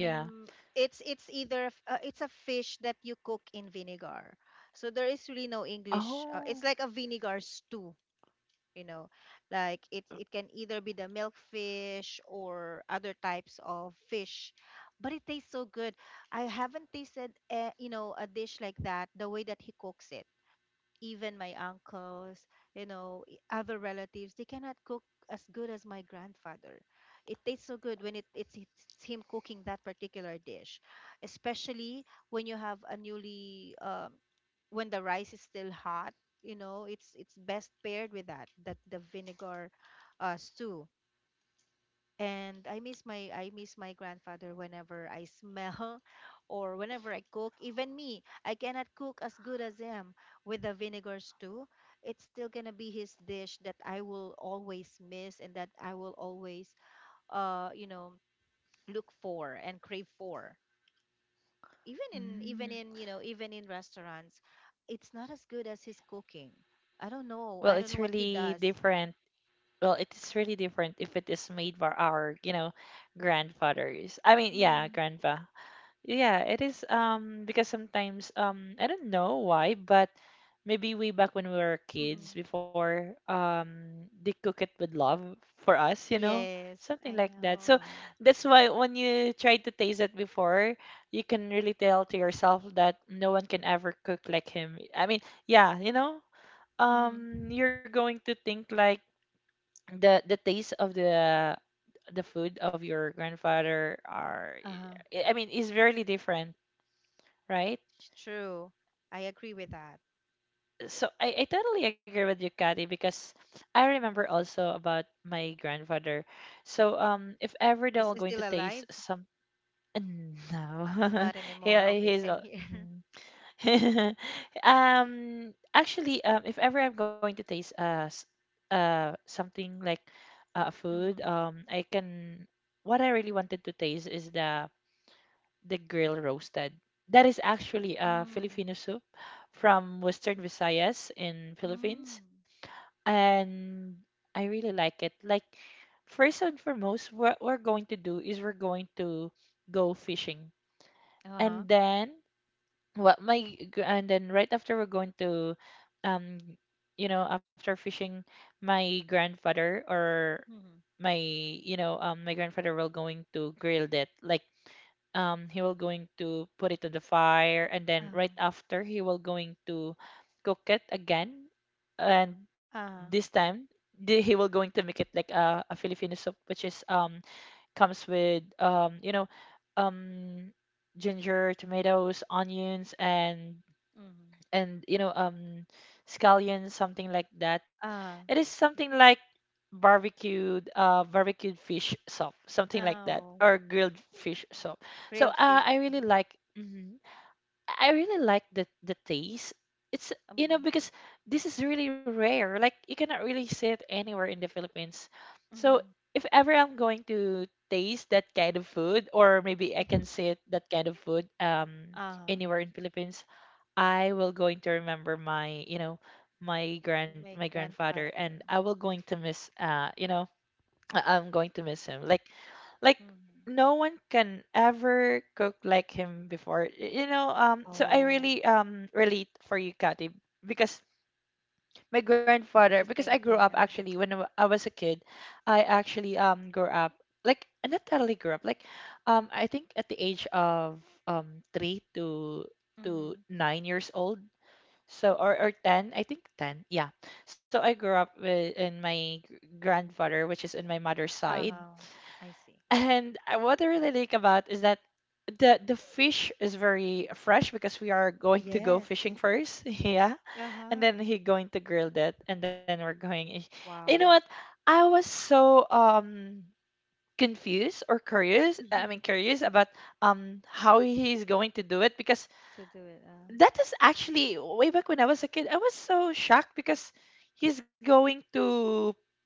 yeah.
it's a fish that you cook in vinegar. So there is really no English. It's
Oh.
like a vinegar stew, you know. Like, it can either be the milk fish or other types of fish, but it tastes so good. I haven't tasted a dish like that, the way that he cooks it. Even my uncles, other relatives, they cannot cook as good as my grandfather. It tastes so good when it's him cooking that particular dish, especially when you have a newly, when the rice is still hot, it's best paired with that, the vinegar stew. And I miss my grandfather whenever I smell *laughs* or whenever I cook. Even me, I cannot cook as good as him with the vinegar stew. It's still gonna be his dish that I will always miss, and that I will always uh you know look for and crave for. Even in even in
Mm.
you know even in restaurants, it's not as good as his cooking. I don't know.
Well,
I don't
it's
know what he
really
does.
different. Well, it is really different if it is made by our, you know, grandfathers. I mean, yeah,
Hmm.
grandpa. Yeah, it is because sometimes I don't know why, but maybe way back when we were kids
Hmm.
before they cook it with love for us, you know,
Yes,
something
I
like that. So
know.
that's why when you try to taste it before, you can really tell to yourself that no one can ever cook like him. I mean, yeah, you know,
Hmm.
you're going to think like the taste of the food of your grandfather are
Uh-huh.
I mean is very different, right?
It's true. I agree with that.
So I totally agree with you, Kati, because I remember also about my grandfather. So if ever
Is
they're
he
going
still
to taste
alive?
some uh, no
Not
*laughs*
anymore.
yeah
Okay, same here. *laughs*
mhm. *laughs* Actually, if ever I'm going to taste something like food,
Mm-hmm.
I can. What I really wanted to taste is the grill roasted. That is actually a
Mm.
Filipino soup from Western Visayas in
Mm.
Philippines, and I really like it. Like first and foremost, what we're going to do is we're going to go fishing,
Uh-huh.
and then, well, my gr- and then right after we're going to um after fishing my grandfather or
Mm-hmm.
my you know my grandfather will going to grill it like he will going to put it on the fire, and then
Uh-huh.
right after he will going to cook it again. And this
Uh-huh.
time, he will going to make it like a Filipino soup, which is comes with um ginger, tomatoes, onions, and
Mm-hmm.
and you know um scallion, something like that. It
Uh-huh.
is something like barbecued, barbecued fish soup, something like that,
Oh,
or grilled fish soup. So
grilled fish.
I really
Uh-huh.
like mhm. I really like the taste. It's
Mm-hmm.
because this is really rare. Like you cannot really see it anywhere in the Philippines. So
Mm-hmm.
if ever I'm going to taste that kind of food, or maybe I can see it, that kind of food
Uh-huh.
anywhere in Philippines, I will going to remember my, you know, my grand my
My
grandfather, and
grandfather.
I will going to miss, I'm going to miss him. Like like
Mm-hmm.
no one can ever cook like him before. You know, so I
Oh,
really relate for you, Kathy, because my
it's the
grandfather, because
same
I grew
thing.
up
Uh-huh.
actually when I was a kid. I actually grew up, like not totally grew up, like, I think at the age of 3 to
Mm-hmm.
9 years old. So, or 10, I think 10. Yeah. So I grew up with, in my grandfather, which is in my mother's side.
Uh-huh. I see.
*laughs* And what I really like about is that the fish is very fresh because we are going to go
Yes.
fishing first. *laughs* Yeah. And then
Uh-huh.
he going to grill that, and then we're going you know what?
Wow. *laughs*
I was so confused or curious. I mean,
Mm-hmm.
curious about how he's going to do it, because
To do it.
that is actually way back when I was a kid. I was so shocked because he's going to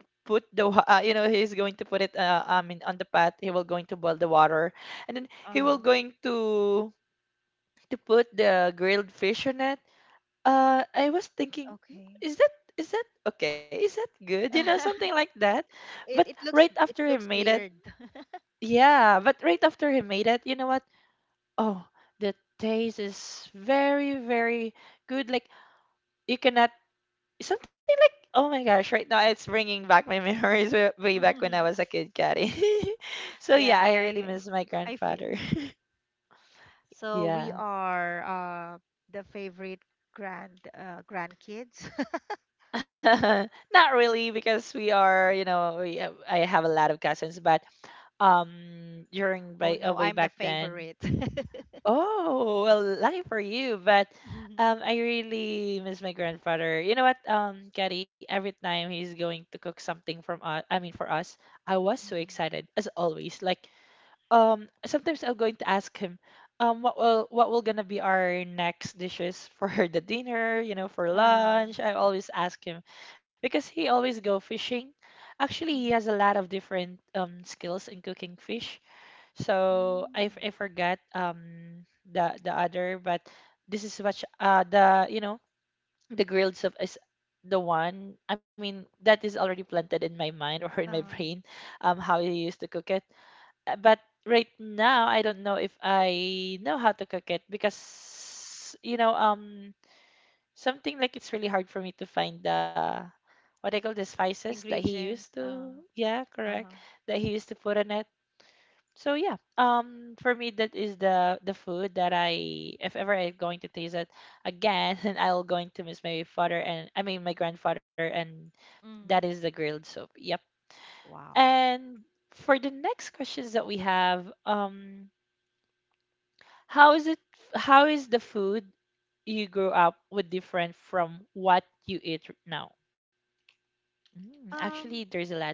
put he's going to put it, in, on the pot. He will going to boil the water, and then he will
Uh-huh.
going to put the grilled fish on it. I was thinking, "Hmm,
Okay.
is that okay? Is that good? You know, something like
*laughs*
that." But
It it
right
looks
after
it
he
looks
made it,
weird. *laughs*
Yeah. But right after he made it, you know what? Oh, the taste is very, very good. Like you cannot something like, "Oh my gosh, right now it's bringing back my *laughs* memories way, way back when I
Mhm.
was a kid, Caddy." *laughs* so
Yeah,
yeah,
I
I really
I
miss my
I feel
grandfather.
you. So we
Yeah.
are the favorite grandkids. *laughs*
*laughs* Not really, because we are, I have a lot of cousins. But during
Oh
by,
no,
way
I'm the
back then.
favorite. *laughs*
Oh, well, lucky for you. But
Mhm.
I really miss my grandfather. You know what, Gary, every time he's going to cook something from us, I mean for us, I was so
Mhm.
excited as always. Like, sometimes I'm going to ask him, what will gonna be our next dishes for *laughs* the dinner, for
Ah,
lunch. I always ask him because he always go fishing. Actually, he has a
mhm.
lot of different skills in cooking fish. So I,
Mm.
f- I forgot the other, but this is what the you know the grilled stuff is the one. I mean, that is already planted in my mind, *laughs* or in my
Uh,
brain, how he used to cook it. But right now, I don't know if I know how to cook it, because, something like, it's really hard for me to find the, what I call, the spices that he used
ingredients.
to, yeah, correct,
Uh-huh.
that he used to put on it. So yeah, for me, that is the food that I, if ever I'm going to taste it again, *laughs* and I'll going to miss my father, and I mean my grandfather, and that is
Mm.
the grilled soup. Yep.
Wow.
And for the next questions that we have, How is it how is the food you grew up with different from what you eat now? Mm, actually,
Um,
there's a lot.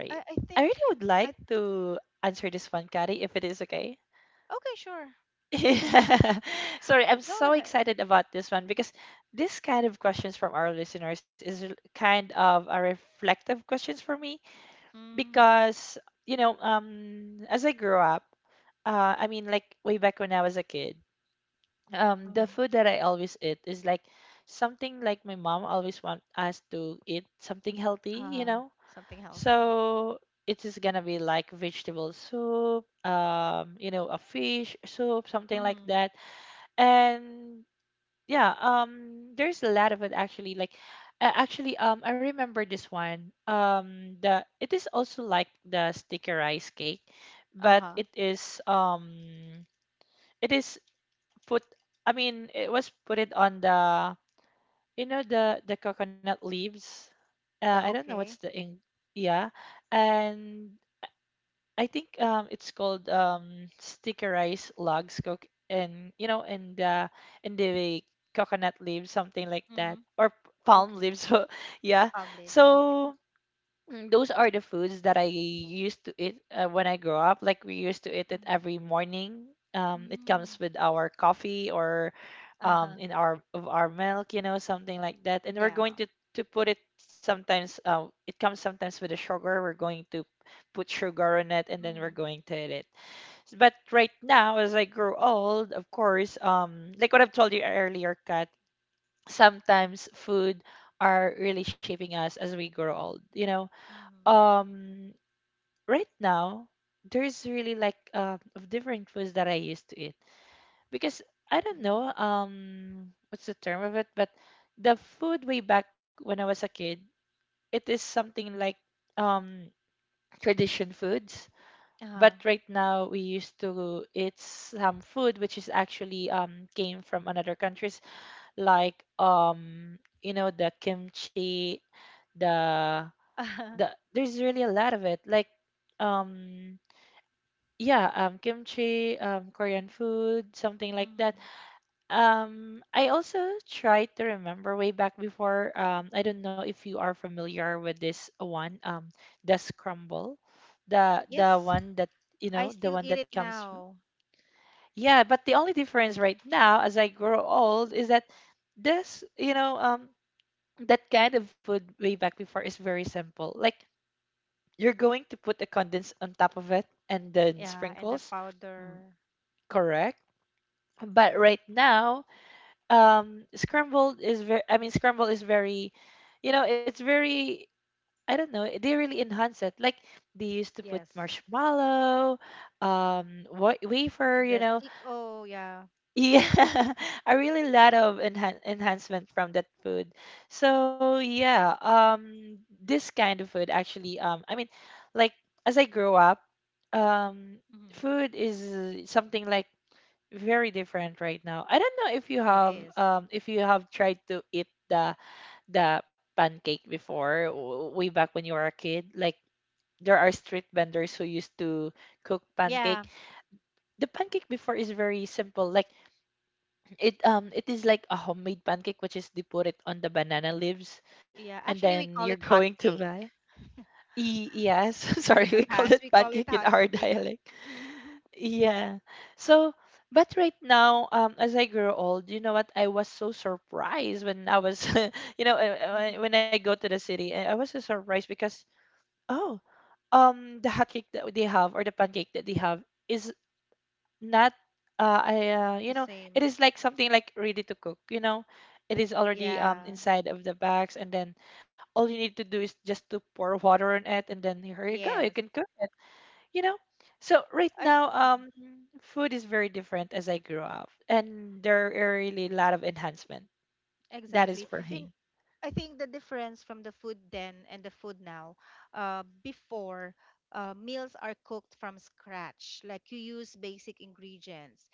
I think
I really would
I
like to answer this one, Kari, if it is okay. *laughs*
Okay, sure.
Yeah. Sorry, I'm
Go
so
ahead.
excited about this one, because this kind of questions from our listeners is kind of a reflective questions for me,
Mm.
because as I grew up, I mean, like way back when I was a kid, the
Uh-huh.
food that I always eat is like something like my mom always want us to eat something healthy, you
Uh-huh.
know.
Something healthy.
So it is gonna be like vegetable soup, a fish soup, something like
Mm-hmm.
that. And yeah, there's a lot of it actually. Like, actually, I remember this one. The it is also like the sticky rice cake, but
Uh-huh.
it is. It is put, I mean, it was put it on the, the coconut leaves. I
The
don't know what's the
Okay.
ing yeah. And I think it's called stickerized logs coke, and in the in the coconut leaves, something like that,
Mm-hmm.
or palm
Okay.
leaves. *laughs* so yeah.
Palm leaves. Okay.
So those are the foods that I used to eat, when I grew up. Like we used to eat it
Mm-hmm.
every morning. It
Mm-hmm.
comes with our coffee, or
Uh-huh.
in our, of our milk, something like that. And we're
Yeah.
going to put it sometimes. It comes sometimes with the sugar. We're going to put sugar on it, and then we're
Mm-hmm.
going to eat it. But right now, as I grow old, of course, like what I've told you earlier, Kat, sometimes food are really shaping us as we grow old. You know,
Mm-hmm.
um right now there's really like, of different foods that I used to eat, because I don't know what's the term of it, but the food way back when I was a kid, it is something like um tradition foods.
Uh-huh.
But right now we used to eat some food which is actually came from another countries, like the kimchi, the
Uh-huh. *laughs*
there's really a lot of it, like um yeah, kimchi, Korean food, something like that.
Mm-hmm.
I also try to remember way back before. I don't know if you are familiar with this one. The scramble, the
Yes.
one that,
I
the
still
one
eat
that
it
comes.
now.
Yeah, but the only difference right now, as I grow old, is that this, that kind of food way back before is very simple. Like you're going to put a condensed on top of it and then
Yeah. And the
sprinkles. Mm.
powder.
Correct. But right now, scrambled is very, I mean, scramble is very, it's very, I don't know, they really enhance it. Like they used to put
Yes.
marshmallow, wafer,
The stick. Oh, yeah.
*laughs* yeah, a really lot of enhancement from that food. So yeah, this kind of food actually, I mean, like as I grow up, um
Mm-hmm.
food is something like very different right now. I don't know if you
It
have
is.
tried to eat the pancake before, way back when you were a kid. Like there are street vendors who used to cook pancake.
Yeah.
The pancake before is very simple. Like it is like a homemade pancake, which is they put it on the banana leaves,
Yeah.
and
Actually, we
then
call
you're *laughs*
it hot
going to
cake.
buy. Yes, *laughs*
In
sorry,
the
we call
past,
it
we call it
pancake in
hot
our
cake.
dialect.
*laughs*
Yeah. So, but right now, as I grow old, you know what? I was so surprised when *laughs*
Mm-hmm.
when I go to the city. I was so surprised because, oh, the hot cake that they have, or the pancake that they have, is not, uh, I, uh,
The
you know, it
same.
is like something like ready to cook, you know? It is already
Yeah.
inside of the bags, and then all you need to do is just to pour water on it, and then here you go, you
Yes.
can cook, you know so right
I.
now
Mhm.
food is very different as I grew up, and there are really a lot of enhancement. That is
Exactly.
for
In
me.
I think the difference from the food then and the food now, before— meals are cooked from scratch, like you use basic ingredients,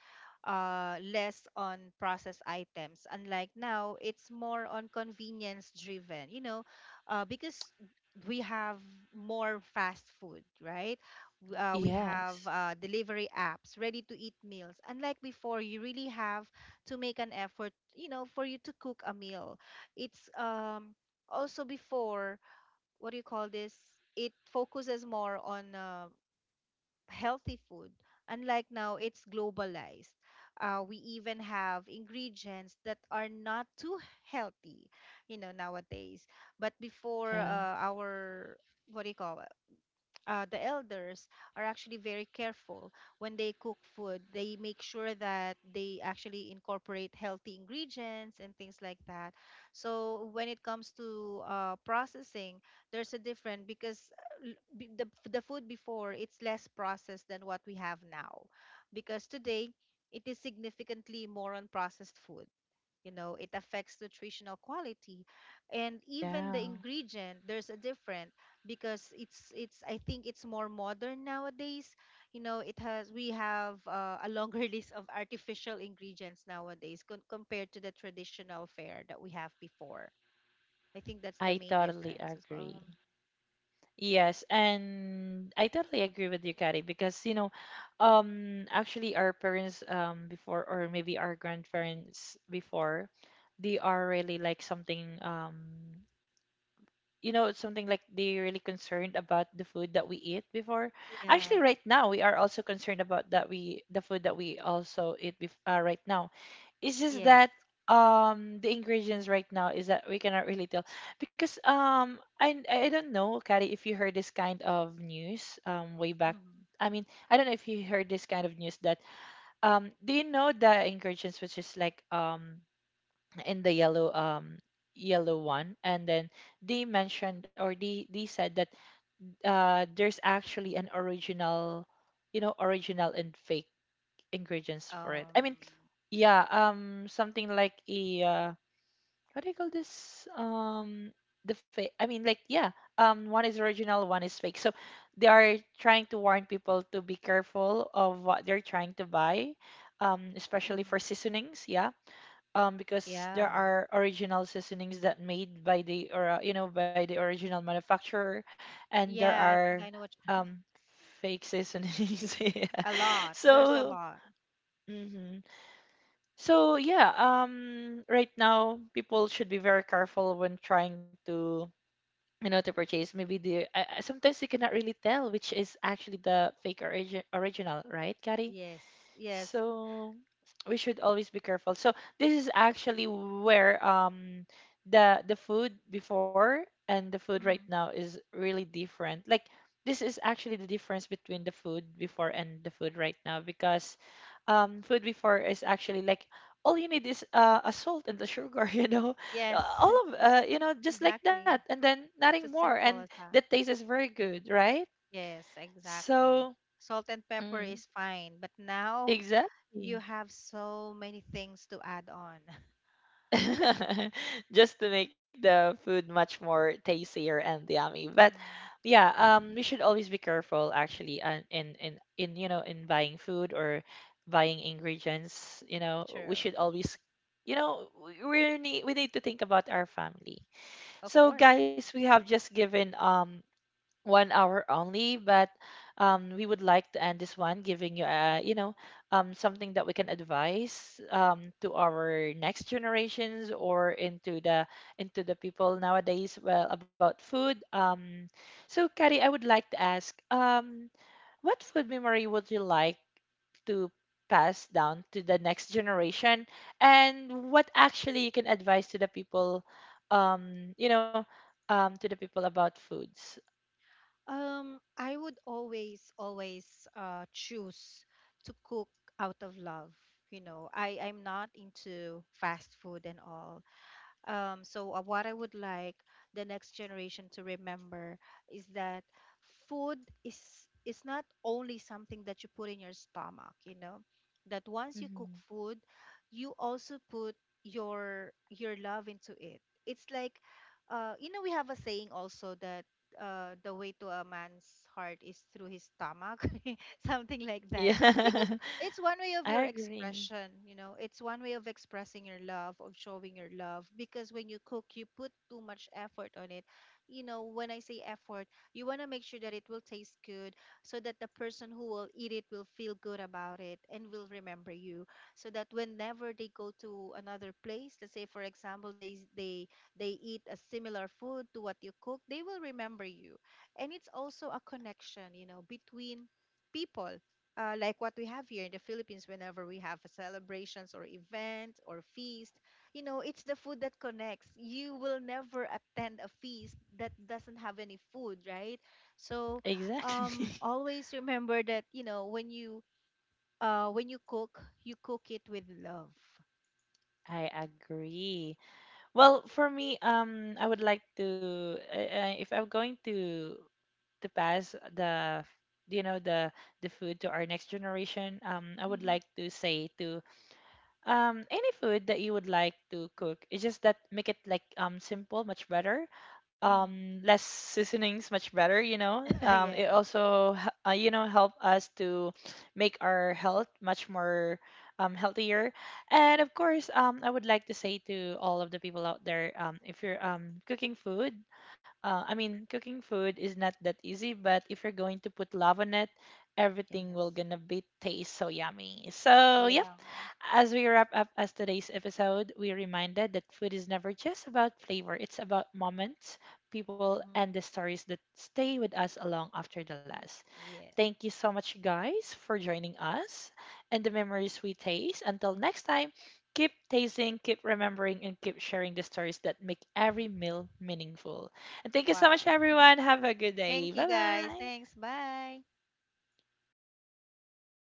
less on processed items. Unlike now, it's more on convenience driven, because we have more fast food, right? We have
Yes.
delivery apps, ready to eat meals. Unlike before, you really have to make an effort, for you to cook a meal. It's also before— what do you call this? It focuses more on healthy food. Unlike now, it's globalized. We even have ingredients that are not too healthy, nowadays. But before
Yeah.
our— what do you call— the elders are actually very careful when they cook food. They make sure that they actually incorporate healthy ingredients and things like that. So when it comes to processing, there's a different, because the food before, it's less processed than what we have now, because today it is significantly more on processed food. It affects nutritional quality, and even
Yeah,
the ingredient, there's a different, because it's I think it's more modern nowadays. You know it has We have a longer *laughs* list of artificial ingredients nowadays, compared to the traditional fare that we have before. I think that's the
I
main
totally
difference as well.
agree. Yes, and I totally agree with you, Kari, because actually our parents, before, or maybe our grandparents before, they are really like something you know something like they're really concerned about the food that we eat before. Actually
Yeah.
right now we are also concerned about that, we the food that we also eat right now. It's just
Yes.
that the ingredients right now is that we cannot really tell, because I don't know, Kari, if you heard this kind of news way back.
Hmm.
I mean, I don't know if you heard this kind of news that, do you know the ingredients which is like in the yellow, yellow one, and then they mentioned, or they said that, there's actually an original, you know, original and fake ingredients for it. I mean,
um
yeah, something like a what do you call this, the fake, I mean, like, yeah, one is original, one is fake. So they are trying to warn people to be careful of what they're trying to buy, especially
mhm.
for seasonings, yeah. Because
Yeah,
there are original seasonings that made by the or you know, by the original manufacturer, and there
yeah, I
are
think I know what you—
um fake seasonings *laughs* yeah.
a lot there's a
So,
lot.
mhm. So yeah, right now people should be very careful when trying to, you know, to purchase maybe the sometimes you cannot really tell which is actually the original, right, Gary?
Yes. Yes.
So we should always be careful. So this is actually where the food before and the food right now is really different. Like, this is actually the difference between the food before and the food right now, because food before is actually like, all you need is a salt and the sugar, *laughs* you know,
Yes,
all
*laughs*
of you know, just like that,
exactly.
and then nothing
It's as
more, and
simple as
the
that.
taste is very good, right?
Yes, exactly.
So,
Salt and pepper
mm,
is fine, but now you
exactly.
have so many things to add on. *laughs*
*laughs* Just to make the food much more tastier and yummy. But
Mm,
yeah, we should always be careful actually, in you know, in buying food or buying ingredients. You know,
true.
we should always, you know, we need to think about our family.
Of
So
course.
guys, we have just given 1 hour only, but we would like to end this one giving you, you know, something that we can advise, to our next generations, or into the people nowadays. Well, about food. So, Kari, I would like to ask, what food memory would you like to pass down to the next generation, and what actually you can advise to the people, you know, to the people about foods?
I would always, always choose to cook out of love. You know, I'm not into fast food and all. So, what I would like the next generation to remember is that food is not only something that you put in your stomach. You know, that once you cook
Mm-hmm.
food, you also put your love into it. It's like, we have a saying also that the way to a man's heart is through his stomach, *laughs* something like that. Because
Yeah.
it's one way
*laughs*
of
I
your
agree.
expression, it's one way of expressing your love, of showing your love, because when you cook you put too much effort on it. When I say effort, you want to make sure that it will taste good, so that the person who will eat it will feel good about it and will remember you, so that whenever they go to another place, let's say for example, they eat a similar food to what you cook, they will remember you. And it's also a connection, between people, like what we have here in the Philippines, whenever we have celebrations or event or feast, it's the food that connects. You will never attend a feast that doesn't have any food, right? So
Exactly. *laughs*
always remember that, when you— when you cook, you cook it with love.
I agree. Well, for me, I would like to, if I'm going to pass the, you know, the food to our next generation, I would
Mm-hmm.
like to say to, any food that you would like to cook. It's just that make it like, simple, much better.
Mm-hmm.
Less seasonings, much better, you know.
*laughs*
Um,
Yes.
it also h- uh, you know, help us to make our health much more healthier. And of course, I would like to say to all of the people out there, if you're cooking food, I mean, cooking food is not that easy, but if you're going to put love on it, everything
Yes.
will gonna be taste so yummy. So yeah,
Yeah.
as we wrap up as today's episode, we are reminded that food is never just about flavor, it's about moments, people,
Mm-hmm.
and the stories that stay with us long after the last.
Yeah.
Thank you so much, guys, for joining us and the memories we taste. Until next time, keep tasting, keep remembering, and keep sharing the stories that make every
Mhm.
meal meaningful. And thank you so much,
Wow.
everyone. Have a good day.
Thank
Bye
you guys.
bye.
Thanks. Bye.